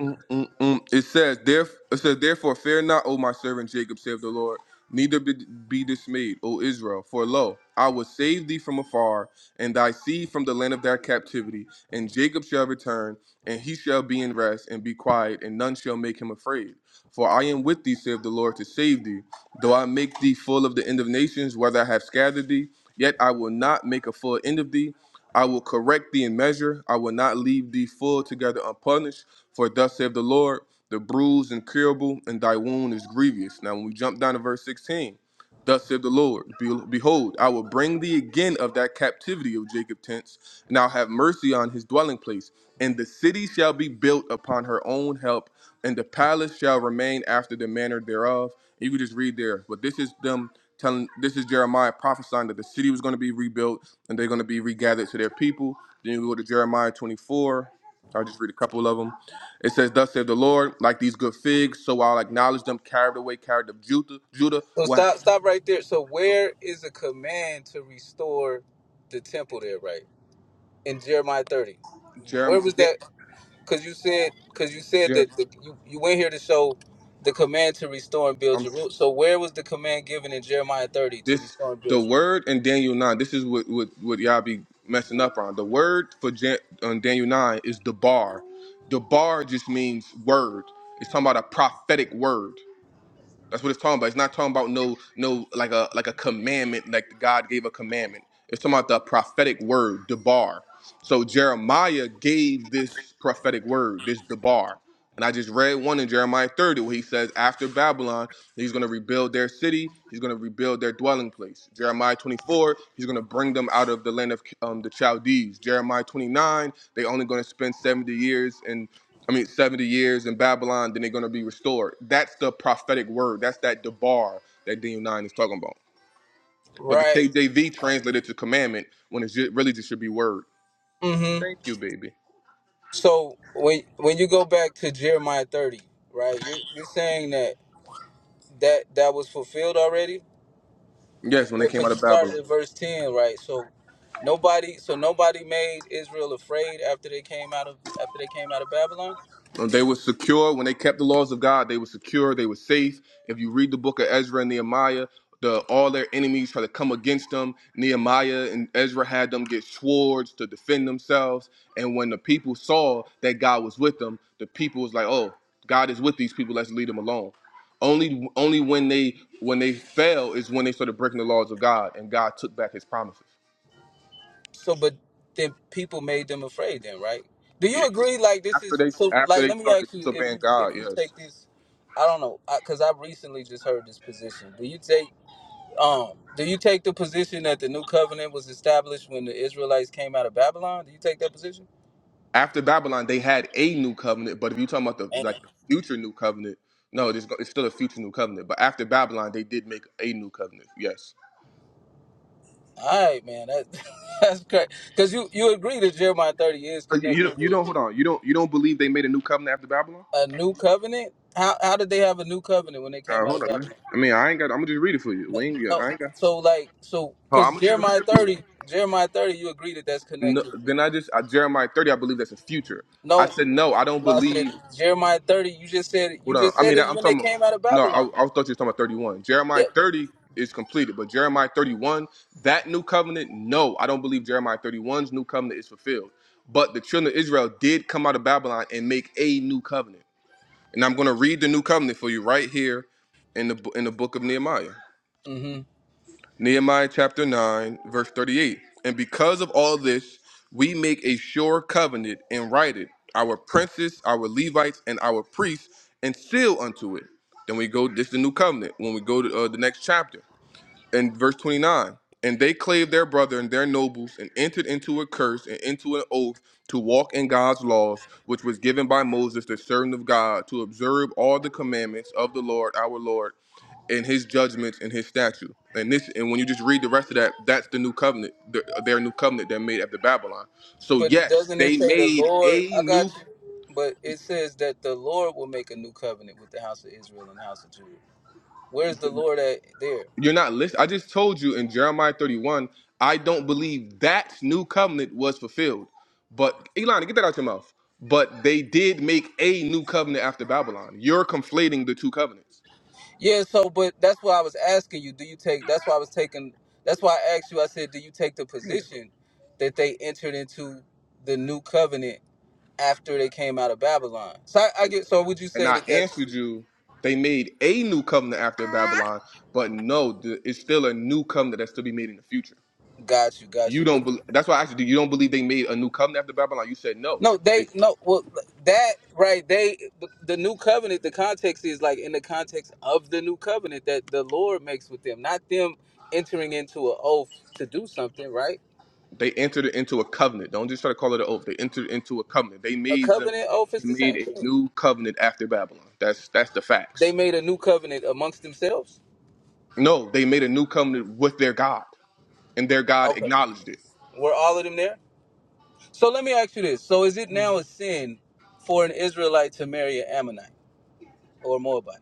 [SPEAKER 11] Mm, mm, mm. It says, there, it says, therefore fear not, O my servant Jacob, saith the Lord. Neither be, be dismayed, O Israel, for lo, I will save thee from afar, and thy seed from the land of their captivity. And Jacob shall return, and he shall be in rest and be quiet, and none shall make him afraid. For I am with thee, saith the Lord, to save thee. Though I make thee full of the end of nations, whether I have scattered thee, yet I will not make a full end of thee. I will correct thee in measure. I will not leave thee full together unpunished. For thus saith the Lord, the bruise incurable, and thy wound is grievous. Now, when we jump down to verse 16, thus saith the Lord, Be- behold, I will bring thee again of that captivity of Jacob tents, and I'll have mercy on his dwelling place. And the city shall be built upon her own help, and the palace shall remain after the manner thereof. And you can just read there, but this is them telling. This is Jeremiah prophesying that the city was going to be rebuilt, and they're going to be regathered to their people. Then we go to Jeremiah 24. I'll just read a couple of them. It says, Thus saith the Lord, like these good figs, so I'll acknowledge them, carried away, carried of Judah. Judah,
[SPEAKER 4] So
[SPEAKER 11] what?
[SPEAKER 4] stop. Stop right there. So where is a command to restore the temple? There, right in Jeremiah thirty. Where
[SPEAKER 11] Jerem,
[SPEAKER 4] was
[SPEAKER 11] Da-
[SPEAKER 4] that? because you said because you said
[SPEAKER 11] Jerem,
[SPEAKER 4] that the, you you went here to show the command to restore and build
[SPEAKER 11] I'm,
[SPEAKER 4] Jerusalem. So where was the command given in Jeremiah thirty to
[SPEAKER 11] this,
[SPEAKER 4] restore and
[SPEAKER 11] the
[SPEAKER 4] build Jerusalem?
[SPEAKER 11] word in Daniel 9, this is what, what, what y'all be messing up on. The word for Jan, on Daniel 9 is the bar. The bar just means word. It's talking about a prophetic word. That's what it's talking about. It's not talking about no no like a like a commandment, like God gave a commandment. It's talking about the prophetic word, debar. So Jeremiah gave this prophetic word, this debar. And I just read one in Jeremiah 30 where he says, after Babylon, he's going to rebuild their city. He's going to rebuild their dwelling place. Jeremiah 24, he's going to bring them out of the land of um, the Chaldees. Jeremiah 29, they only going to spend 70 years in I mean, 70 years in Babylon, then they're going to be restored. That's the prophetic word. That's that debar that Daniel 9 is talking about. But the
[SPEAKER 4] Right.
[SPEAKER 11] KJV translated to commandment when it really just should be word.
[SPEAKER 4] Mm-hmm.
[SPEAKER 11] Thank you, baby.
[SPEAKER 4] So when when you go back to Jeremiah thirty, right, you're you're saying that that that was fulfilled already
[SPEAKER 11] Yes, when they came out
[SPEAKER 4] because you
[SPEAKER 11] of Babylon.
[SPEAKER 4] started at verse ten, right? So nobody so nobody made Israel afraid after they came out of after they came out of Babylon.
[SPEAKER 11] Um, They were secure when they kept the laws of God. They were secure. They were safe. If you read the book of Ezra and Nehemiah, the all their enemies try to come against them. Nehemiah and Ezra had them get swords to defend themselves. And when the people saw that God was with them, the people was like, "Oh, God is with these people. Let's leave them alone." Only, only when they when they fell is when they started breaking the laws of God, and God took back His promises.
[SPEAKER 4] So, but then people made them afraid. Then, right? Do you
[SPEAKER 11] Yeah,
[SPEAKER 4] agree? Like this
[SPEAKER 11] After
[SPEAKER 4] is
[SPEAKER 11] they
[SPEAKER 4] so.
[SPEAKER 11] after
[SPEAKER 4] Like,
[SPEAKER 11] they
[SPEAKER 4] let me
[SPEAKER 11] started
[SPEAKER 4] ask you: if
[SPEAKER 11] disobeying
[SPEAKER 4] you
[SPEAKER 11] God,
[SPEAKER 4] if you
[SPEAKER 11] yes.
[SPEAKER 4] take this, I don't know, because I've recently just heard this position. Do you take um? Do you take the position that the new covenant was established when the Israelites came out of Babylon? Do you take that position?
[SPEAKER 11] after Babylon, they had a new covenant, but if you're talking about the
[SPEAKER 4] Damn.
[SPEAKER 11] like the future new covenant, no, it's, go- it's still a future new covenant. But after Babylon, they did make a new covenant. Yes.
[SPEAKER 4] All right, man. That [laughs] that's great. Because you you agree that Jeremiah thirty is
[SPEAKER 11] Uh, You, you
[SPEAKER 4] connected
[SPEAKER 11] don't. You
[SPEAKER 4] with
[SPEAKER 11] don't. Hold on. You don't. You don't believe they made a new covenant after Babylon?
[SPEAKER 4] a new covenant. How how did they have a new covenant when they
[SPEAKER 11] Uh,
[SPEAKER 4] came out
[SPEAKER 11] hold
[SPEAKER 4] of
[SPEAKER 11] on.
[SPEAKER 4] Babylon?
[SPEAKER 11] Man. I mean, I ain't got. I'm gonna just read it for you. We ain't. yeah,
[SPEAKER 4] No,
[SPEAKER 11] I ain't got.
[SPEAKER 4] so like so
[SPEAKER 11] Oh,
[SPEAKER 4] because
[SPEAKER 11] I'm gonna just read
[SPEAKER 4] Jeremiah
[SPEAKER 11] it for you.
[SPEAKER 4] thirty, Jeremiah thirty, you agree that that's
[SPEAKER 11] No,
[SPEAKER 4] connected with. it.
[SPEAKER 11] then I just I, Jeremiah 30. I believe that's a future. I
[SPEAKER 4] No,
[SPEAKER 11] said no. I don't
[SPEAKER 4] no, I said
[SPEAKER 11] believe.
[SPEAKER 4] Jeremiah thirty. You just said you
[SPEAKER 11] Hold on.
[SPEAKER 4] just
[SPEAKER 11] I
[SPEAKER 4] said
[SPEAKER 11] mean,
[SPEAKER 4] it's
[SPEAKER 11] I'm
[SPEAKER 4] when they
[SPEAKER 11] talking. About,
[SPEAKER 4] came out of
[SPEAKER 11] no,
[SPEAKER 4] Babylon.
[SPEAKER 11] I, I thought you were talking about 31. Jeremiah
[SPEAKER 4] Yep.
[SPEAKER 11] 30 is completed, but Jeremiah 31, that new covenant, no, I don't believe Jeremiah 31's new covenant is fulfilled. But the children of Israel did come out of Babylon and make a new covenant, and I'm going to read the new covenant for you right here in the in the book of Nehemiah.
[SPEAKER 4] hmm
[SPEAKER 11] Nehemiah chapter 9, verse 38. And because of all this, we make a sure covenant and write it, our princes, our Levites, and our priests, and seal unto it. Then we go, this is the new covenant when we go to uh, the next chapter and verse 29 and they clave their brother and their nobles and entered into a curse and into an oath to walk in god's laws which was given by moses the servant of god to observe all the commandments of the lord our lord and his judgments and his statute and this and when you just read the rest of that that's the new covenant the, their new covenant that made after babylon so
[SPEAKER 4] But it
[SPEAKER 11] yes
[SPEAKER 4] doesn't it
[SPEAKER 11] they
[SPEAKER 4] say the
[SPEAKER 11] made
[SPEAKER 4] Lord?
[SPEAKER 11] a
[SPEAKER 4] I got
[SPEAKER 11] new
[SPEAKER 4] you. But it says that the Lord will make a new covenant with the house of Israel and the house of Judah. Where's the Lord at there?
[SPEAKER 11] You're not listening. I just told you in Jeremiah 31, I don't believe that new covenant was fulfilled. But Elon, get that out your mouth. But they did make a new covenant after Babylon. You're conflating the two covenants.
[SPEAKER 4] Yeah. So, but that's why I was asking you. Do you take? That's why I was taking. That's why I asked you. I said, do you take the position that they entered into the new covenant after they came out of Babylon. So I, I get. So would you
[SPEAKER 11] And
[SPEAKER 4] say
[SPEAKER 11] I
[SPEAKER 4] that that's
[SPEAKER 11] answered you, they made a new covenant after Babylon, but no, th- it's still a new covenant that's to be made in the future.
[SPEAKER 4] got you, got
[SPEAKER 11] You
[SPEAKER 4] you?
[SPEAKER 11] don't.
[SPEAKER 4] But
[SPEAKER 11] Be- that's why I asked you. do You don't believe they made a new covenant after Babylon? You said no.
[SPEAKER 4] no, they no. Well, that right. They the, the new covenant. The context is like in the context of the new covenant that the Lord makes with them, not them entering into an oath to do something. Right?
[SPEAKER 11] They entered into a covenant. Don't just try to call it an oath. They entered into a covenant. They
[SPEAKER 4] A
[SPEAKER 11] made them.
[SPEAKER 4] covenant oath
[SPEAKER 11] They
[SPEAKER 4] is the
[SPEAKER 11] made
[SPEAKER 4] same
[SPEAKER 11] a
[SPEAKER 4] thing.
[SPEAKER 11] new covenant after Babylon. That's that's the
[SPEAKER 4] They
[SPEAKER 11] facts.
[SPEAKER 4] made a new covenant amongst themselves.
[SPEAKER 11] No, they made a new covenant with their God, and their God
[SPEAKER 4] Okay.
[SPEAKER 11] acknowledged it.
[SPEAKER 4] Were all of them there? So let me ask you this. So is it now a sin for an Israelite to marry an Ammonite or Moabite?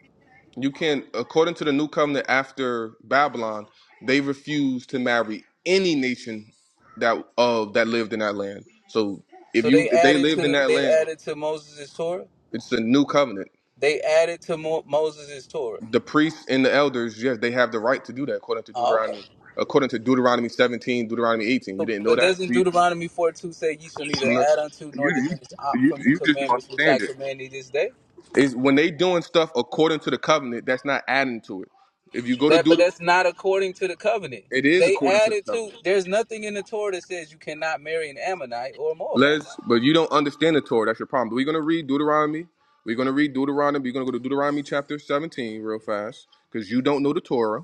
[SPEAKER 11] You can, according to the new covenant after Babylon, they refused to marry any nation that of that lived in that land. So if
[SPEAKER 4] So
[SPEAKER 11] you
[SPEAKER 4] they
[SPEAKER 11] if they
[SPEAKER 4] added to
[SPEAKER 11] lived in
[SPEAKER 4] the
[SPEAKER 11] that
[SPEAKER 4] they
[SPEAKER 11] land,
[SPEAKER 4] added to Moses' Torah.
[SPEAKER 11] it's a new covenant.
[SPEAKER 4] They added to Mo- Moses' Torah.
[SPEAKER 11] the priests and the elders, yes, they have the right to do that according to
[SPEAKER 4] Oh, okay.
[SPEAKER 11] Deuteronomy, according to Deuteronomy 17, Deuteronomy 18. You
[SPEAKER 4] So,
[SPEAKER 11] didn't know
[SPEAKER 4] but
[SPEAKER 11] that?
[SPEAKER 4] doesn't
[SPEAKER 11] Do You,
[SPEAKER 4] Deuteronomy four two say you shall neither
[SPEAKER 11] no.
[SPEAKER 4] add unto nor
[SPEAKER 11] you, you,
[SPEAKER 4] diminish aught
[SPEAKER 11] you
[SPEAKER 4] from the
[SPEAKER 11] you just don't
[SPEAKER 4] commandments which I
[SPEAKER 11] understand it.
[SPEAKER 4] command thee this day?
[SPEAKER 11] Is when they doing stuff according to the covenant, that's not adding to it. If you go to
[SPEAKER 4] That but
[SPEAKER 11] Deuteronomy,
[SPEAKER 4] that's not according to the covenant.
[SPEAKER 11] it is
[SPEAKER 4] They
[SPEAKER 11] according to the
[SPEAKER 4] added to
[SPEAKER 11] covenant.
[SPEAKER 4] there's nothing in the Torah that says you cannot marry an Ammonite or a Moabite.
[SPEAKER 11] Let's, but you don't understand the Torah. That's your problem. But We're gonna read Deuteronomy. We're gonna read Deuteronomy. We're gonna go to Deuteronomy chapter 17 real fast because you don't know the Torah.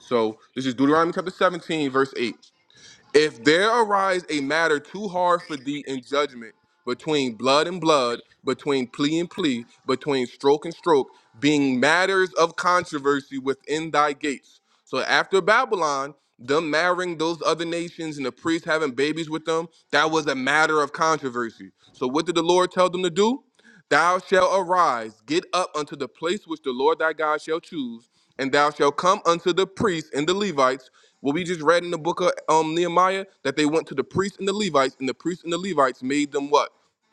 [SPEAKER 11] So this is Deuteronomy chapter 17, verse 8. If there arise a matter too hard for thee in judgment, between blood and blood, between plea and plea, between stroke and stroke, being matters of controversy within thy gates. So after Babylon, them marrying those other nations and the priests having babies with them, that was a matter of controversy. So what did the Lord tell them to do? Thou shalt arise, get up unto the place which the Lord thy God shall choose, and thou shalt come unto the priests and the Levites. What we just read in the book of um, Nehemiah, that they went to the priests and the Levites, and the priests and the Levites made them what?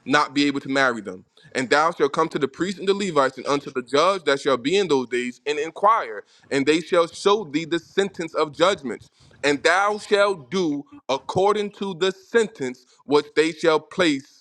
[SPEAKER 11] Not be able to marry them. And thou shalt come to the priests and the Levites, and unto the judge that shall be in those days, and inquire, and they shall show thee the sentence of judgments. And thou shalt do according to the sentence which they shall place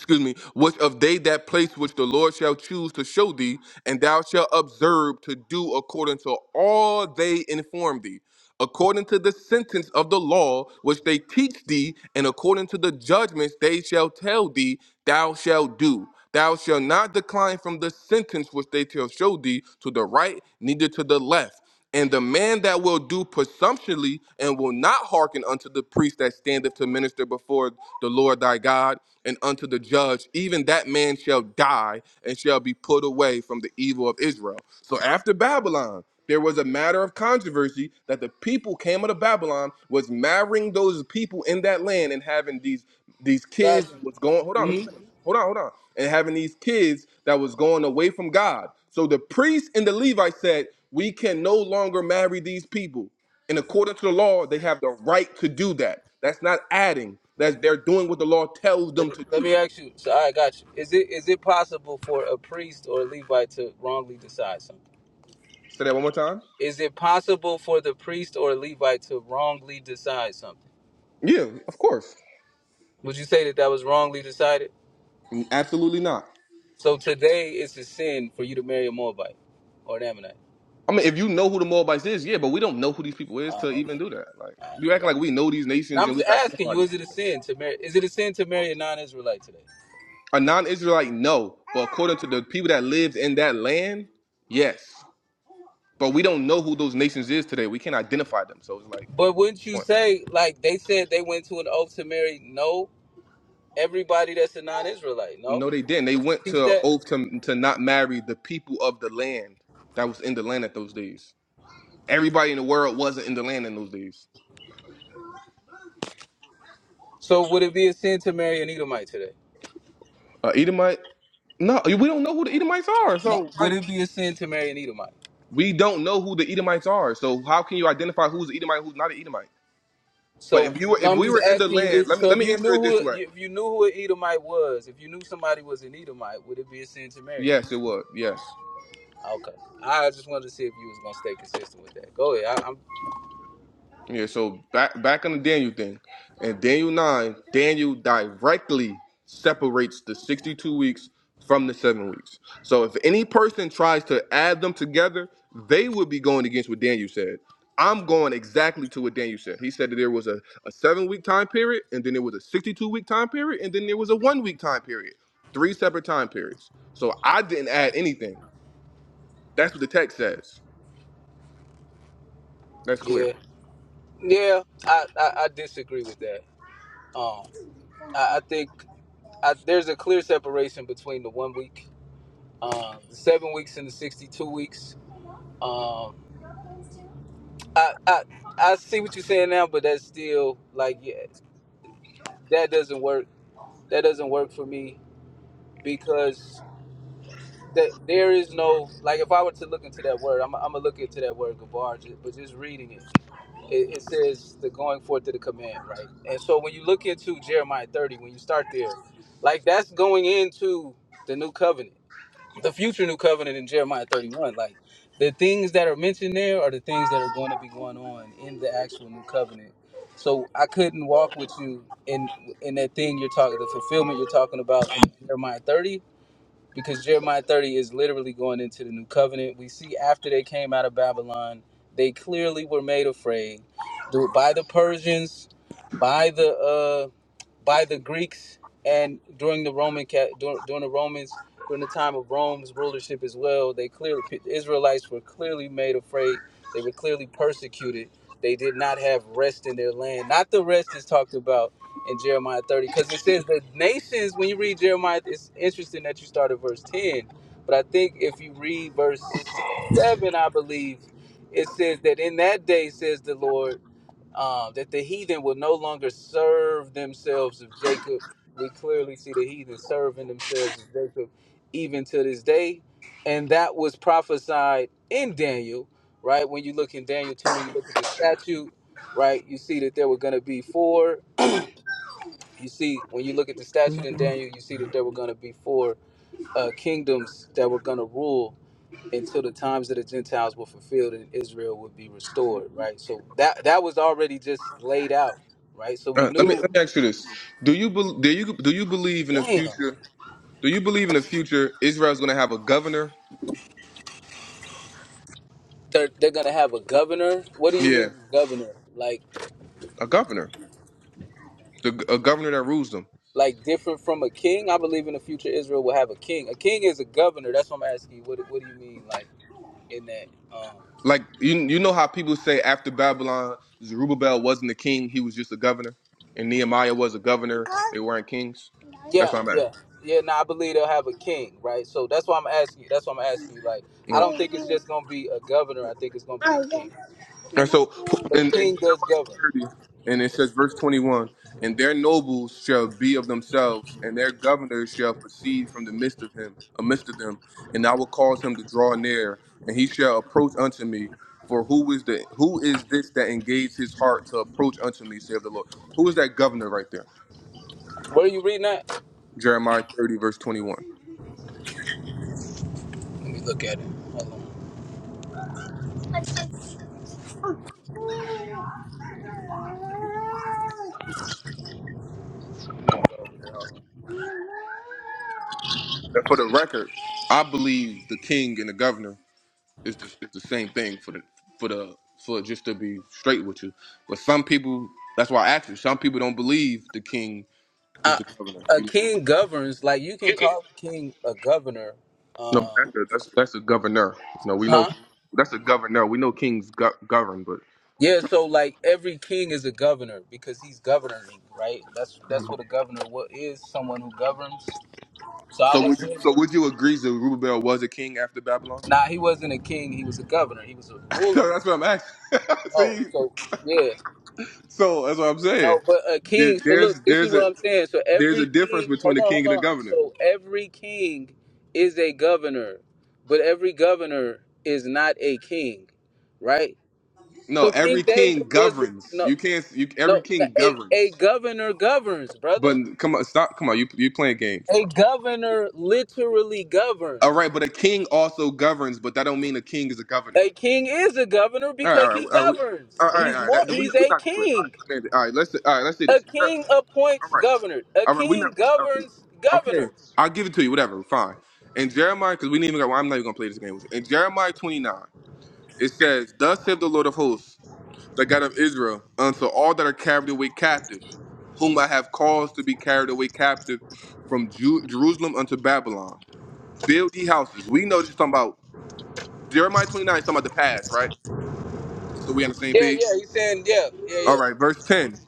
[SPEAKER 11] excuse me, which of they that place which the Lord shall choose to show thee, and thou shalt observe to do according to all they inform thee, according to the sentence of the law which they teach thee, and according to the judgments they shall tell thee, thou shalt do. Thou shalt not decline from the sentence which they shall show thee to the right, neither to the left. And the man that will do presumptuously and will not hearken unto the priest that standeth to minister before the Lord thy God and unto the judge, even that man shall die and shall be put away from the evil of Israel. So after Babylon, there was a matter of controversy that the people came out of Babylon was marrying those people in that land and having these these
[SPEAKER 4] Got
[SPEAKER 11] kids that was going hold on let me
[SPEAKER 4] you. hmm
[SPEAKER 11] finish hold on hold on and having these kids that was going away from god so the priest and the levites said we can no longer marry these people and according to the law they have the right to do that that's not adding that's they're doing what the law tells them
[SPEAKER 4] So
[SPEAKER 11] to
[SPEAKER 4] let
[SPEAKER 11] do
[SPEAKER 4] me ask you. So I got you. Is it is it possible for a priest or a Levite to wrongly decide something?
[SPEAKER 11] say that one more time
[SPEAKER 4] Is it possible for the priest or Levite to wrongly decide something?
[SPEAKER 11] yeah of course
[SPEAKER 4] Would you say that that was wrongly decided?
[SPEAKER 11] absolutely not
[SPEAKER 4] So today it's a sin for you to marry a Moabite or an Ammonite.
[SPEAKER 11] I mean, if you know who the Moabites is, yeah, but we don't know who these people is
[SPEAKER 4] Oh,
[SPEAKER 11] to
[SPEAKER 4] okay.
[SPEAKER 11] even do that. Like,
[SPEAKER 4] All right.
[SPEAKER 11] you acting like we know these
[SPEAKER 4] Now
[SPEAKER 11] nations
[SPEAKER 4] I'm
[SPEAKER 11] and we
[SPEAKER 4] just
[SPEAKER 11] got
[SPEAKER 4] asking
[SPEAKER 11] identified.
[SPEAKER 4] you:
[SPEAKER 11] these
[SPEAKER 4] Is it
[SPEAKER 11] nations.
[SPEAKER 4] a sin to marry? Is it a sin to marry a non-Israelite today?
[SPEAKER 11] A non-Israelite, no. But according to the people that lived in that land, yes. But we don't know who those nations is today. We can't identify them. So it's like,
[SPEAKER 4] But wouldn't you
[SPEAKER 11] point.
[SPEAKER 4] say, like they said, they went to an oath to marry no everybody that's a non-Israelite? No,
[SPEAKER 11] No, they didn't. They
[SPEAKER 4] would you
[SPEAKER 11] went
[SPEAKER 4] teach
[SPEAKER 11] to
[SPEAKER 4] that?
[SPEAKER 11] oath to to not marry the people of the land that was in the land at those days. Everybody in the world wasn't in the land in those days.
[SPEAKER 4] So would it be a sin to marry an Edomite today?
[SPEAKER 11] Uh, Edomite? No, we don't know who the Edomites are.
[SPEAKER 4] No.
[SPEAKER 11] So
[SPEAKER 4] Would
[SPEAKER 11] like,
[SPEAKER 4] it be a sin to marry an Edomite?
[SPEAKER 11] we don't know who the Edomites are. So how can you identify who's an Edomite, who's not an Edomite? But
[SPEAKER 4] So
[SPEAKER 11] if you were,
[SPEAKER 4] no,
[SPEAKER 11] if
[SPEAKER 4] I'm
[SPEAKER 11] we
[SPEAKER 4] just
[SPEAKER 11] were in the
[SPEAKER 4] asking you.
[SPEAKER 11] land,
[SPEAKER 4] If,
[SPEAKER 11] let me
[SPEAKER 4] so
[SPEAKER 11] let
[SPEAKER 4] if
[SPEAKER 11] me
[SPEAKER 4] you
[SPEAKER 11] answer
[SPEAKER 4] knew
[SPEAKER 11] it this
[SPEAKER 4] who
[SPEAKER 11] way.
[SPEAKER 4] if you knew who an Edomite was, if you knew somebody was an Edomite, would it be a sin to marry them?
[SPEAKER 11] Yes, it was. Yes.
[SPEAKER 4] Okay, I just wanted to see if you was gonna stay consistent with that. Go ahead. I, I'm
[SPEAKER 11] Yeah, so back back on the Daniel thing. In Daniel 9, Daniel directly separates the 62 weeks from the 7 weeks. So if any person tries to add them together, they would be going against what Daniel said. I'm going exactly to what Daniel said. He said that there was a, a 7-week time period and then there was a 62-week time period and then there was a 1-week time period. Three separate time periods. So I didn't add anything. That's what the text says. That's clear.
[SPEAKER 4] yeah yeah. I, I I disagree with that. Um, I, I think I, there's a clear separation between the one week, um, the seven weeks and the sixty-two weeks. Um, I I I see what you're saying now, but that's still like yeah, that doesn't work. That doesn't work for me because that there is no like if I were to look into that word, I'm, I'm gonna look into that word gabar, ju- but just reading it, it, it says the going forth to the command, right? And so when you look into Jeremiah 30, when you start there, like that's going into the new covenant, the future new covenant in Jeremiah 31. Like the things that are mentioned there are the things that are going to be going on in the actual new covenant. So I couldn't walk with you in in that thing you're talking, the fulfillment you're talking about in Jeremiah 30 because Jeremiah 30 is literally going into the new covenant. We see after they came out of Babylon, they clearly were made afraid do- by the Persians, by the uh, by the Greeks and during the Roman ca- during the Romans during the time of Rome's rulership as well. They clearly the Israelites were clearly made afraid. They were clearly persecuted. They did not have rest in their land. Not the rest is talked about in Jeremiah 30 because it says the nations. When you read Jeremiah, it's interesting that you start at verse 10, but I think if you read verse seven, I believe it says that in that day, says the Lord um, that the heathen will no longer serve themselves of Jacob. We clearly see the heathen serving themselves of Jacob even to this day. And that was prophesied in Daniel, right? When you look in Daniel 2, when you look at the statute, right, you see that there were going to be four. You see, when you look at the statute in Daniel, you see that there were going to be four uh, kingdoms that were going to rule until the times of the Gentiles were fulfilled and Israel would be restored, right? So that that was already just laid out, right? So
[SPEAKER 11] All
[SPEAKER 4] we
[SPEAKER 11] right, let me let me
[SPEAKER 4] knew,
[SPEAKER 11] ask you this: Do you bel do you do you believe in the
[SPEAKER 4] damn,
[SPEAKER 11] future? Do you believe in the future Israel's going to have a governor?
[SPEAKER 4] they're, they're gonna have a governor. What do you
[SPEAKER 11] Yeah,
[SPEAKER 4] mean governor? Like
[SPEAKER 11] a governor, the, a governor that rules them.
[SPEAKER 4] like different from a king? I believe in the future Israel will have a king. A king is a governor. That's what I'm asking you. What do- what do you mean like in that? Um,
[SPEAKER 11] Like you you know how people say after Babylon, Zerubbabel wasn't the king; he was just a governor, and Nehemiah was a governor. They weren't kings. That's
[SPEAKER 4] yeah,
[SPEAKER 11] what I'm
[SPEAKER 4] yeah. Yeah, no, I believe they'll have a king, right? So that's why I'm asking you. That's why I'm asking you. Like, I don't think it's
[SPEAKER 11] at.
[SPEAKER 4] just gonna be a governor. I think it's gonna be a king.
[SPEAKER 11] And so
[SPEAKER 4] But a
[SPEAKER 11] in, in
[SPEAKER 4] king does govern.
[SPEAKER 11] Jeremiah 30, and
[SPEAKER 4] Mhm.
[SPEAKER 11] it says, verse 21, and their nobles shall be of themselves, and their governors shall proceed from the midst of him, amidst of them, and I will cause him to draw near, and he shall approach unto me. For who is the who is this that engaged his heart to approach unto me, saith the Lord? Who is that governor right there?
[SPEAKER 4] Where are you reading at?
[SPEAKER 11] Jeremiah 30, verse 21.
[SPEAKER 4] Let me look at it. Hold on.
[SPEAKER 11] And for the record, I believe the king and the governor. It's the, it's the same thing for the for the for just to be straight with you. But some people, that's why I asked you. Some people don't believe the king is
[SPEAKER 4] Uh,
[SPEAKER 11] the governor.
[SPEAKER 4] a
[SPEAKER 11] You know,
[SPEAKER 4] king governs, like you can call a king a governor.
[SPEAKER 11] no, but
[SPEAKER 4] Um,
[SPEAKER 11] that's a, that's that's a governor. No, we know
[SPEAKER 4] huh?
[SPEAKER 11] that's a governor. We know kings go- govern, but
[SPEAKER 4] Yeah, so like every king is a governor because he's governing, right? That's that's what a governor what is someone who governs. So I
[SPEAKER 11] so
[SPEAKER 4] would
[SPEAKER 11] would you,
[SPEAKER 4] say,
[SPEAKER 11] so would you agree that Rubabel was a king after Babylon?
[SPEAKER 4] nah, he wasn't a king, he was a governor, he was a
[SPEAKER 11] [laughs]
[SPEAKER 4] ruler.
[SPEAKER 11] no, that's what I'm asking. [laughs]
[SPEAKER 4] Oh,
[SPEAKER 11] See,
[SPEAKER 4] so yeah.
[SPEAKER 11] so that's what I'm saying.
[SPEAKER 4] No, but a
[SPEAKER 11] There,
[SPEAKER 4] king. So look,
[SPEAKER 11] there's
[SPEAKER 4] this is
[SPEAKER 11] there's
[SPEAKER 4] what
[SPEAKER 11] a
[SPEAKER 4] I'm saying. So
[SPEAKER 11] there's a
[SPEAKER 4] every
[SPEAKER 11] difference
[SPEAKER 4] king,
[SPEAKER 11] between
[SPEAKER 4] hold
[SPEAKER 11] a
[SPEAKER 4] on,
[SPEAKER 11] king and a
[SPEAKER 4] hold on.
[SPEAKER 11] governor.
[SPEAKER 4] So every king is a governor, but every governor is not a king, right?
[SPEAKER 11] No,
[SPEAKER 4] So
[SPEAKER 11] every
[SPEAKER 4] King David
[SPEAKER 11] king
[SPEAKER 4] was
[SPEAKER 11] governs.
[SPEAKER 4] no,
[SPEAKER 11] You can't. You every
[SPEAKER 4] no.
[SPEAKER 11] king
[SPEAKER 4] A a
[SPEAKER 11] governs.
[SPEAKER 4] governor governs, brother.
[SPEAKER 11] But come on, stop. Come on, you you playing games,
[SPEAKER 4] A
[SPEAKER 11] bro.
[SPEAKER 4] governor literally
[SPEAKER 11] All
[SPEAKER 4] governs.
[SPEAKER 11] right, but a king also governs, but that don't mean a king is a governor.
[SPEAKER 4] A king is a governor
[SPEAKER 11] All right, all
[SPEAKER 4] because
[SPEAKER 11] right,
[SPEAKER 4] he
[SPEAKER 11] all right. We,
[SPEAKER 4] governs.
[SPEAKER 11] all right,
[SPEAKER 4] He's
[SPEAKER 11] all right.
[SPEAKER 4] more.
[SPEAKER 11] That, we're
[SPEAKER 4] He's
[SPEAKER 11] not, we
[SPEAKER 4] a
[SPEAKER 11] not gonna play. All right,
[SPEAKER 4] king.
[SPEAKER 11] Amanda. All right, let's all right. Let's do
[SPEAKER 4] A
[SPEAKER 11] this. Jer-
[SPEAKER 4] king
[SPEAKER 11] All
[SPEAKER 4] appoints
[SPEAKER 11] right,
[SPEAKER 4] governor. A
[SPEAKER 11] all right. We're
[SPEAKER 4] king
[SPEAKER 11] not. All right.
[SPEAKER 4] governs
[SPEAKER 11] Okay,
[SPEAKER 4] governors.
[SPEAKER 11] I'll give it to you. Whatever. Fine. And Jeremiah, because we didn't even. Go, I'm not even gonna play this game with you. In Jeremiah 29, it says, "Thus saith the Lord of hosts, the God of Israel, unto all that are carried away captives, whom I have caused to be carried away captive from Ju- Jerusalem unto Babylon." Build ye houses. We know this is talking about Jeremiah 29 is talking about the past, right? Just so we on the same
[SPEAKER 4] Yeah,
[SPEAKER 11] page.
[SPEAKER 4] yeah, he's saying, yeah, yeah,
[SPEAKER 11] All
[SPEAKER 4] yeah.
[SPEAKER 11] right, verse 10.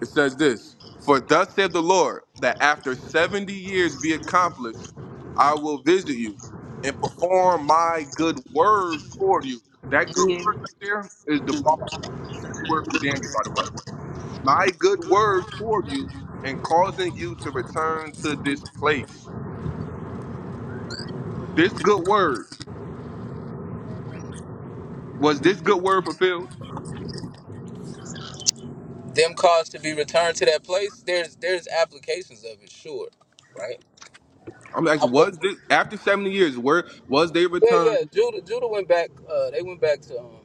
[SPEAKER 11] It says this For thus saith the Lord, that after 70 years be accomplished, I will visit you and perform my good word toward you. That good word
[SPEAKER 4] Mhm.
[SPEAKER 11] right there is the bar. It's the same word from Daniel, by the way. My good word toward you and causing you to return to this place. This good word, was this good word fulfilled?
[SPEAKER 4] Them cars to be returned to that place. There's there's applications of it, sure, right?
[SPEAKER 11] I'm
[SPEAKER 4] I
[SPEAKER 11] asking, was
[SPEAKER 4] would.
[SPEAKER 11] this after 70 years, where was they
[SPEAKER 4] Yeah, yeah.
[SPEAKER 11] returned?
[SPEAKER 4] Judah, Judah went back. Uh, they went back to um,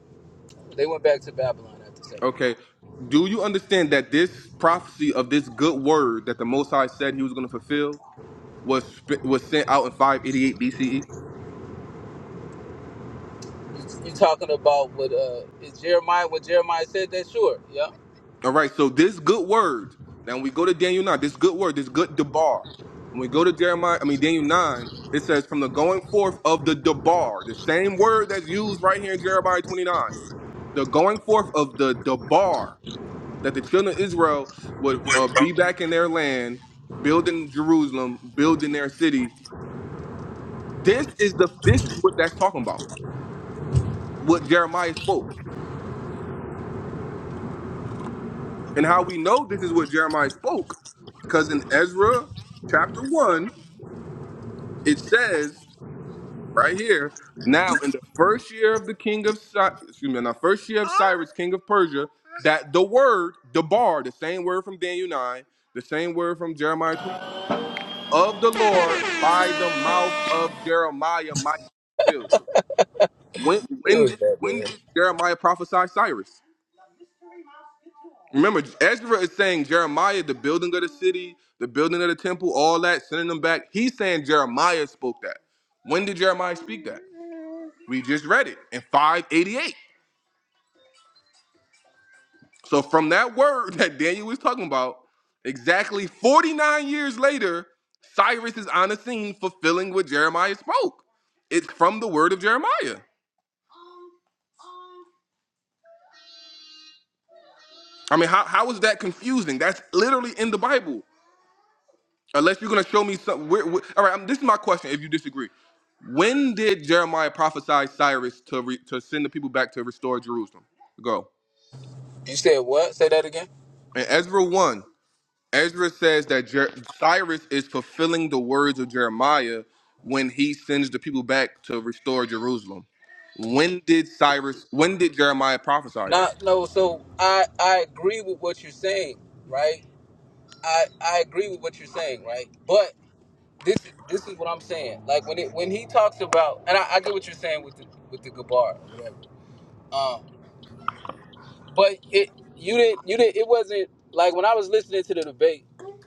[SPEAKER 4] they went back to Babylon after seven.
[SPEAKER 11] Okay. Do you understand that this prophecy of this good word that the Most High said he was going to fulfill was sp- was sent out in 588 BCE?
[SPEAKER 4] You, you talking about what? Uh, is Jeremiah what Jeremiah said? That sure, yeah.
[SPEAKER 11] All right. So this good word. Now when we go to Daniel 9. This good word, this good debar. When we go to Jeremiah, I mean Daniel 9, it says from the going forth of the debar, the same word that's used right here in Jeremiah 29. The going forth of the debar. that the children of Israel would uh, be back in their land, building Jerusalem, building their city. This is the this is what that's talking about. What Jeremiah spoke, and how we know this is what Jeremiah spoke, because in Ezra chapter one it says right here. Now, in the first year of the king of Cy- excuse me, in the first year of Cyrus, king of Persia, that the word, the bar, the same word from Daniel nine, the same word from Jeremiah 29 of the Lord by the mouth of Jeremiah might be fulfilled. When
[SPEAKER 4] Who
[SPEAKER 11] when
[SPEAKER 4] is
[SPEAKER 11] did
[SPEAKER 4] that
[SPEAKER 11] when
[SPEAKER 4] man?
[SPEAKER 11] did Jeremiah prophesy Cyrus? Remember, Ezra is saying Jeremiah, the building of the city, the building of the temple, all that, sending them back. He's saying Jeremiah spoke that. When did Jeremiah speak that? We just read it in 588. So from that word [laughs] that Daniel was talking about, exactly 49 years later, Cyrus is on the scene fulfilling what Jeremiah spoke. It's from the word of Jeremiah. I mean, how, how is that confusing? That's literally in the Bible. Unless you're going to show me something. Where, where, all right, um, this is my question if you disagree. When did Jeremiah prophesy Cyrus to, re, to send the people back to restore Jerusalem? Go.
[SPEAKER 4] You said what? Say that again.
[SPEAKER 11] In Ezra 1, Ezra says that Jer- Cyrus is fulfilling the words of Jeremiah when he sends the people back to restore Jerusalem. When did Cyrus, when did Jeremiah prophesy that?
[SPEAKER 4] Not no. So I I agree with what you're saying, right? I I agree with what you're saying, right? But. this this is what I'm saying. Like when it when he talks about, and I, I get what you're saying with the with the Gabar, whatever. Um, but it you didn't you didn't it wasn't like when I was listening to the debate,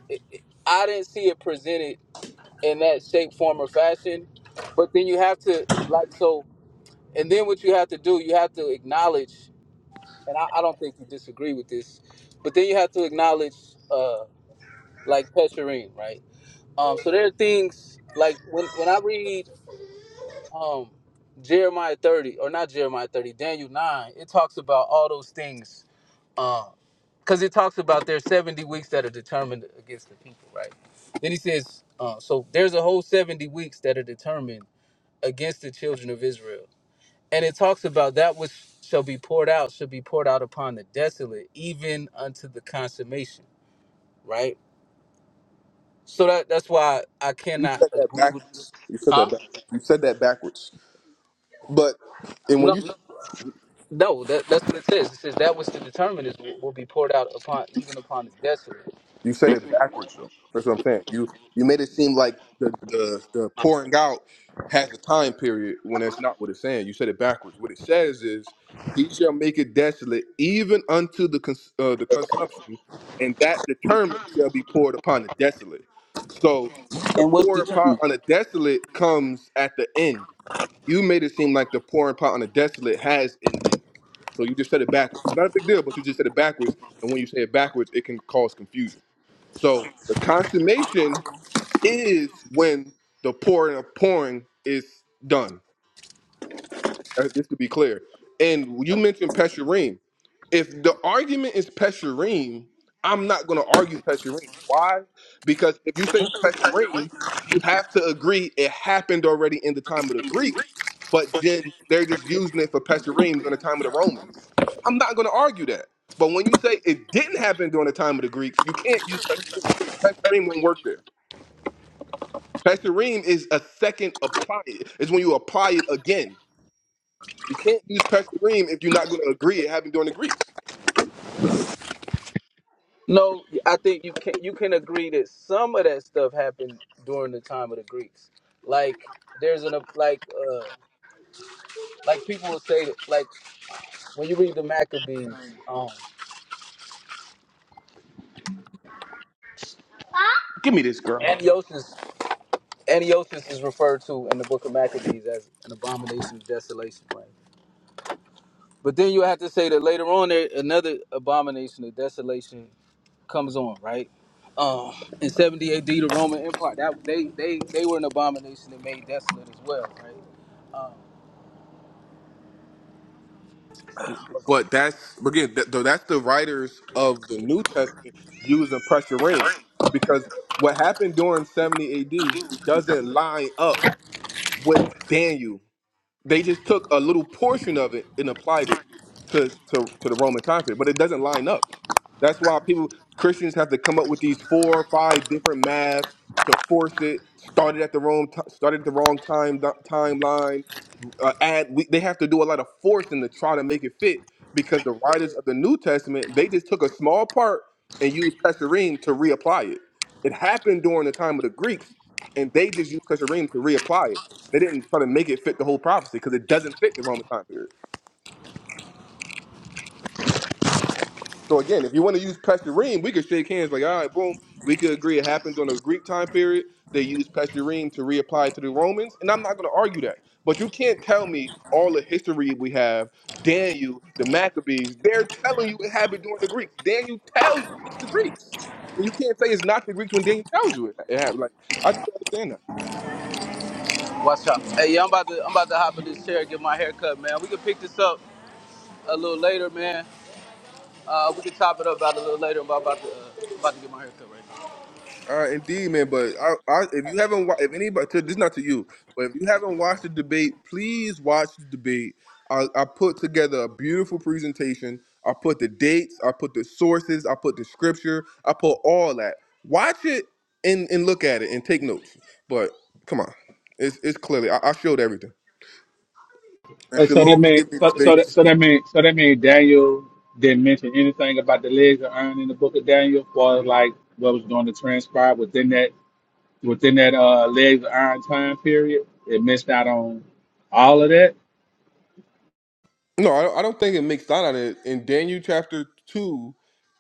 [SPEAKER 4] it, it, I didn't see it presented in that shape, form, or fashion. But then you have to like so, and then what you have to do, you have to acknowledge, and I, I don't think you disagree with this, but then you have to acknowledge uh like Petrine, right? Um, so there are things like when when I read um Jeremiah 30 or not Jeremiah 30, Daniel 9, it talks about all those things um cuz it talks about there's 70 weeks that are determined against the people, right? Then he says uh, so there's a whole 70 weeks that are determined against the children of Israel. And it talks about that which shall be poured out shall be poured out upon the desolate even unto the consummation, right? So that that's why I
[SPEAKER 11] You
[SPEAKER 4] cannot
[SPEAKER 11] said that
[SPEAKER 4] agree with this.
[SPEAKER 11] backwards. You said that
[SPEAKER 4] Huh?
[SPEAKER 11] backwards. You said that backwards. But and when you
[SPEAKER 4] No, that, that's what it says. It says that which to determine is will will be poured out upon even upon the desolate.
[SPEAKER 11] You said it backwards though. That's what I'm saying. You you made it seem like the the, the pouring out has a time period when that's not what it's saying. You said it backwards. What it says is, "He shall make it desolate even unto the cons- uh, the consumption, and that determined shall be poured upon the desolate." So the
[SPEAKER 4] And what's
[SPEAKER 11] pour upon
[SPEAKER 4] determined?
[SPEAKER 11] on the desolate comes at the end. You made it seem like the pouring upon on the desolate has an end. So you just said it backwards. It's not a big deal, but you just said it backwards, and when you say it backwards, it can cause confusion. So the consummation is when the pouring of pouring is done. Uh, Just to be clear. And you mentioned Pesherim. If the argument is Pesherim, I'm not going to argue Pesherim. Why? Because if you say Pesherim, you have to agree it happened already in the time of the Greeks, but then they're just using it for Pesherim during the time of the Romans. I'm not going to argue that. But when you say it didn't happen during the time of the Greeks, you can't use Pesherim. Pesherim won't work there. Pesherim is a second apply it. It's when you apply it again. You can't use Pesherim if you're not going to agree it happened during the Greeks.
[SPEAKER 4] No, I think you can you can agree that some of that stuff happened during the time of the Greeks. Like there's an like uh like people will say that like when you read the Maccabees, um
[SPEAKER 11] Give me this girl.
[SPEAKER 4] Antiochus Antiochus is referred to in the book of Maccabees as an abomination of desolation, right? But then you have to say that later on there another abomination of desolation comes on, right? Um, in 70 AD, the Roman Empire, that they they they were an abomination and made desolate as well, right? Um,
[SPEAKER 11] But that's again, th- though that's the writers of the New Testament using pressuring, because what happened during 70 AD doesn't line up with Daniel. They just took a little portion of it and applied it to to, to the Roman time period, but it doesn't line up. That's why people Christians have to come up with these four or five different maths to force it. Started at the wrong t- started at the wrong time timeline. Uh, add we, they have to do a lot of forcing to try to make it fit because the writers of the New Testament they just took a small part and used Pesherim to reapply it. It happened during the time of the Greeks, and they just used Pesherim to reapply it. They didn't try to make it fit the whole prophecy because it doesn't fit the Roman time period. So again, if you want to use Pesherim, we could shake hands like, all right, boom, we could agree it happened during the Greek time period. They used Pesherim to reapply it to the Romans, and I'm not going to argue that. But you can't tell me all the history we have. Daniel, the Maccabees, they're telling you it happened during the Greeks. Daniel tells you it's the Greeks, and you can't say it's not the Greeks when Daniel tells you it, it happened. Like I just don't understand that.
[SPEAKER 4] watch out. Hey, yeah, I'm about to I'm about to hop in this chair and get my hair cut, man. We can pick this up a little later, man. Uh, we can top it up about a little later. I'm about to uh, about to get my hair cut right now.
[SPEAKER 11] Uh, indeed, man. But I, I, if you haven't, wa- if anybody, to, this is not to you, but if you haven't watched the debate, please watch the debate. I, I put together a beautiful presentation. I put the dates. I put the sources. I put the scripture. I put all that. Watch it and and look at it and take notes. But come on, it's it's clearly I, I showed everything. And
[SPEAKER 12] Wait, so
[SPEAKER 11] Shalom,
[SPEAKER 12] that mean
[SPEAKER 11] forgive me the
[SPEAKER 12] so
[SPEAKER 11] space
[SPEAKER 12] so
[SPEAKER 11] to
[SPEAKER 12] that so
[SPEAKER 11] speak.
[SPEAKER 12] that mean so that mean Daniel didn't mention anything about the legs of iron in the book of Daniel, for like what was going to transpire within that within that uh legs of iron time period. It missed out on all of that.
[SPEAKER 11] No, I, I don't think it makes light on it. In Daniel chapter 2,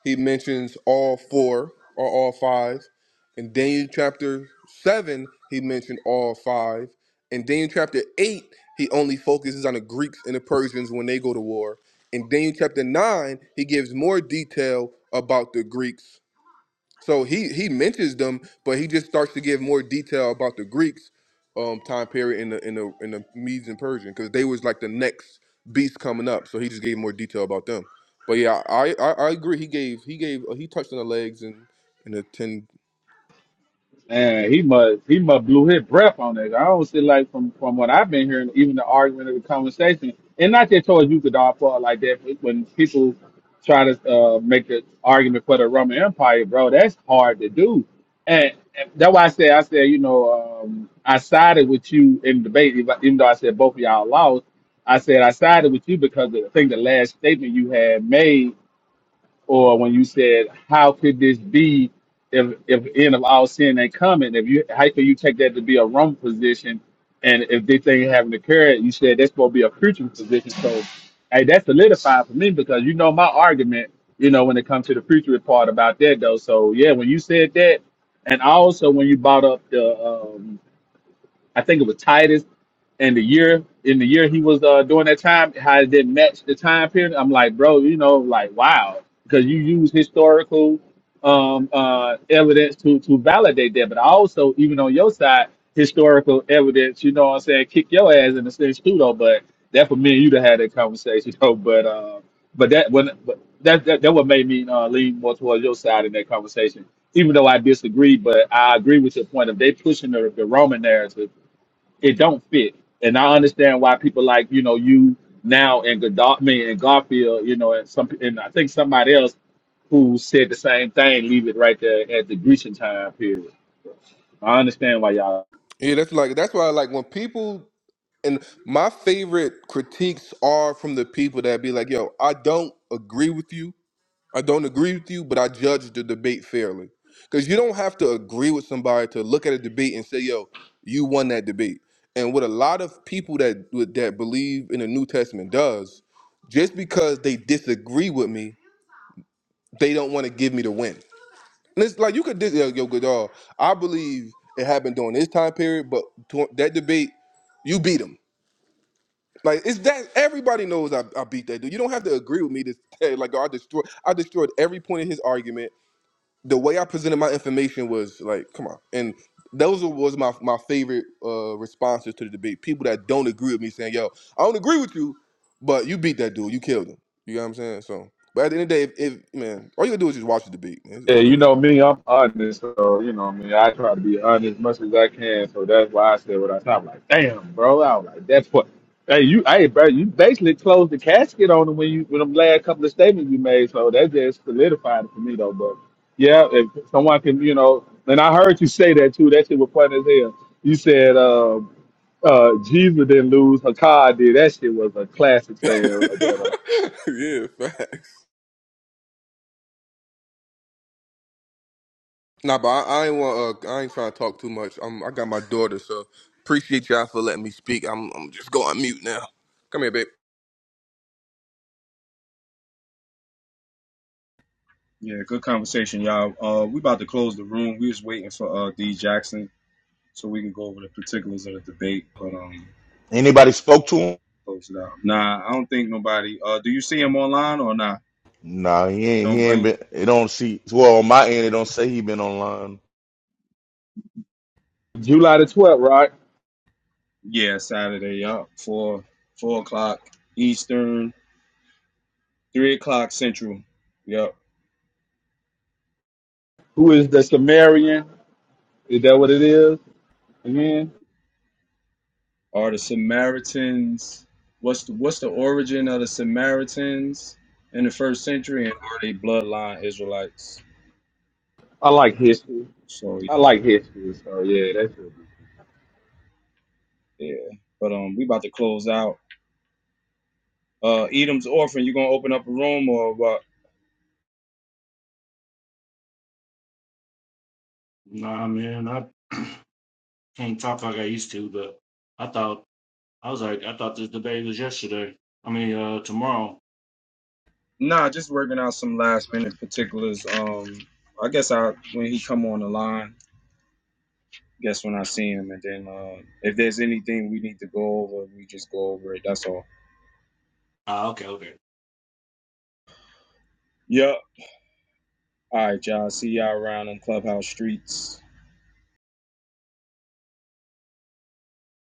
[SPEAKER 11] he mentions all four or all five. In Daniel chapter 7, he mentioned all five. In Daniel chapter 8, he only focuses on the Greeks and the Persians when they go to war. In Daniel chapter 9, he gives more detail about the Greeks so he he mentions them, but he just starts to give more detail about the Greeks um time period in the in the in the Medes and Persian because they was like the next beast coming up. So he just gave more detail about them. But yeah, I I, I agree. He gave he gave uh, he touched on the legs and and the ten.
[SPEAKER 12] Man, he must he must blew his breath on that. I don't see like from from what I've been hearing, even the argument of the conversation, and not just towards you could all fall like that. But when people try to uh, make an argument for the Roman Empire, bro, that's hard to do. And, and that's why I say I said you know um, I sided with you in the debate, even even though I said both of y'all lost. I said I sided with you because of, I think the last statement you had made or when you said, "How could this be?" If if the end of all sin ain't coming, if you how could you take that to be a wrong position? And if this thing haven't occurred, you said that's supposed to be a preaching position. So, hey, that solidified for me because you know my argument. You know when it comes to the future part about that though. So yeah, when you said that, and also when you brought up the um, I think it was Titus, and the year in the year he was uh, doing that time, how it didn't match the time period. I'm like, bro, you know, like wow, because you use historical um, uh, evidence to to validate that, but also even on your side, historical evidence. You know what I'm saying? Kick your ass in the sense too, though. But that for me and you to have that conversation, [laughs] though. But uh, but that when but that, that that what made me uh, lean more towards your side in that conversation even though I disagree, but I agree with your point of they pushing the, the Roman narrative it don't fit. And I understand why people like you know you now and Godot, me and Garfield, you know, and some and I think somebody else who said the same thing. Leave it right there at the Grecian time period. I understand why y'all
[SPEAKER 11] Yeah, that's like that's why I like when people and my favorite critiques are from the people that be like, yo, I don't agree with you I don't agree with you, but I judge the debate fairly. Because you don't have to agree with somebody to look at a debate and say, yo, you won that debate. And what a lot of people that with- that believe in the New Testament does, just because they disagree with me, they don't want to give me the win. And it's like you could dis- yo, yo good dog. I believe it happened during this time period, but to- that debate, you beat him. Like it's that everybody knows I, I beat that dude. You don't have to agree with me to say like I destroyed I destroyed every point of his argument the way I presented my information was like, come on. And those was my my favorite uh, responses to the debate. People that don't agree with me saying, yo, I don't agree with you, but you beat that dude. You killed him. You know what I'm saying? So, but at the end of the day, if, if man, all you gotta do is just watch the debate. Man. It's,
[SPEAKER 12] Yeah,
[SPEAKER 11] it's
[SPEAKER 12] you
[SPEAKER 11] clear.
[SPEAKER 12] know me, I'm honest. So, you know me, I try to be honest as much as I can. So that's why I said what I said. I'm like, damn, bro. I was like, that's what. Hey, you, hey, bro, you basically closed the casket on him when you, with them last couple of statements you made. So that just solidified it for me, though. But yeah, if someone can, you know, and I heard you say that too. That shit was funny as hell. You said, um, uh, Jesus didn't lose, Hakai did. That shit was a classic saying right there, though.
[SPEAKER 11] [laughs] yeah, facts. Nah, but I, I ain't want. Uh, I ain't trying to talk too much. i I got my daughter, so appreciate y'all for letting me speak. I'm. I'm just going mute now. Come here, babe.
[SPEAKER 1] Yeah, good conversation, y'all. Uh, we about to close the room. We was waiting for uh D Jackson so we can go over the particulars of the debate, but um,
[SPEAKER 9] Anybody spoke to him?
[SPEAKER 1] close it out. Nah, I don't think nobody. Uh, do you see him online or not? Nah?
[SPEAKER 9] Nah, he ain't. He
[SPEAKER 1] Don't blame.
[SPEAKER 9] ain't been. It don't see. Well, on my end, it don't say he been online.
[SPEAKER 12] July the 12th, right?
[SPEAKER 1] Yeah, Saturday. Yup. Four four o'clock Eastern, three o'clock Central. Yup.
[SPEAKER 12] Who is the Sumerian? Is that what it is? Yeah,
[SPEAKER 1] Are the Samaritans? What's the what's the origin of the Samaritans in the first century, and are they bloodline Israelites?
[SPEAKER 12] I like history.
[SPEAKER 1] So
[SPEAKER 12] I like history, so yeah, that's it.
[SPEAKER 1] yeah. But um, we about to close out. Uh, Edom's orphan. You gonna open up a room or what?
[SPEAKER 13] Nah, man, I [clears throat] can't talk like I used to, but I thought I was like, I thought this debate was yesterday. I mean, uh, tomorrow.
[SPEAKER 1] Nah, just working out some last minute particulars. Um, I guess I when he come on the line. guess when I see him, and then uh, if there's anything we need to go over, we just go over it. That's all.
[SPEAKER 13] Ah, okay, okay.
[SPEAKER 1] Yep. All right, y'all. See y'all around on Clubhouse Streets.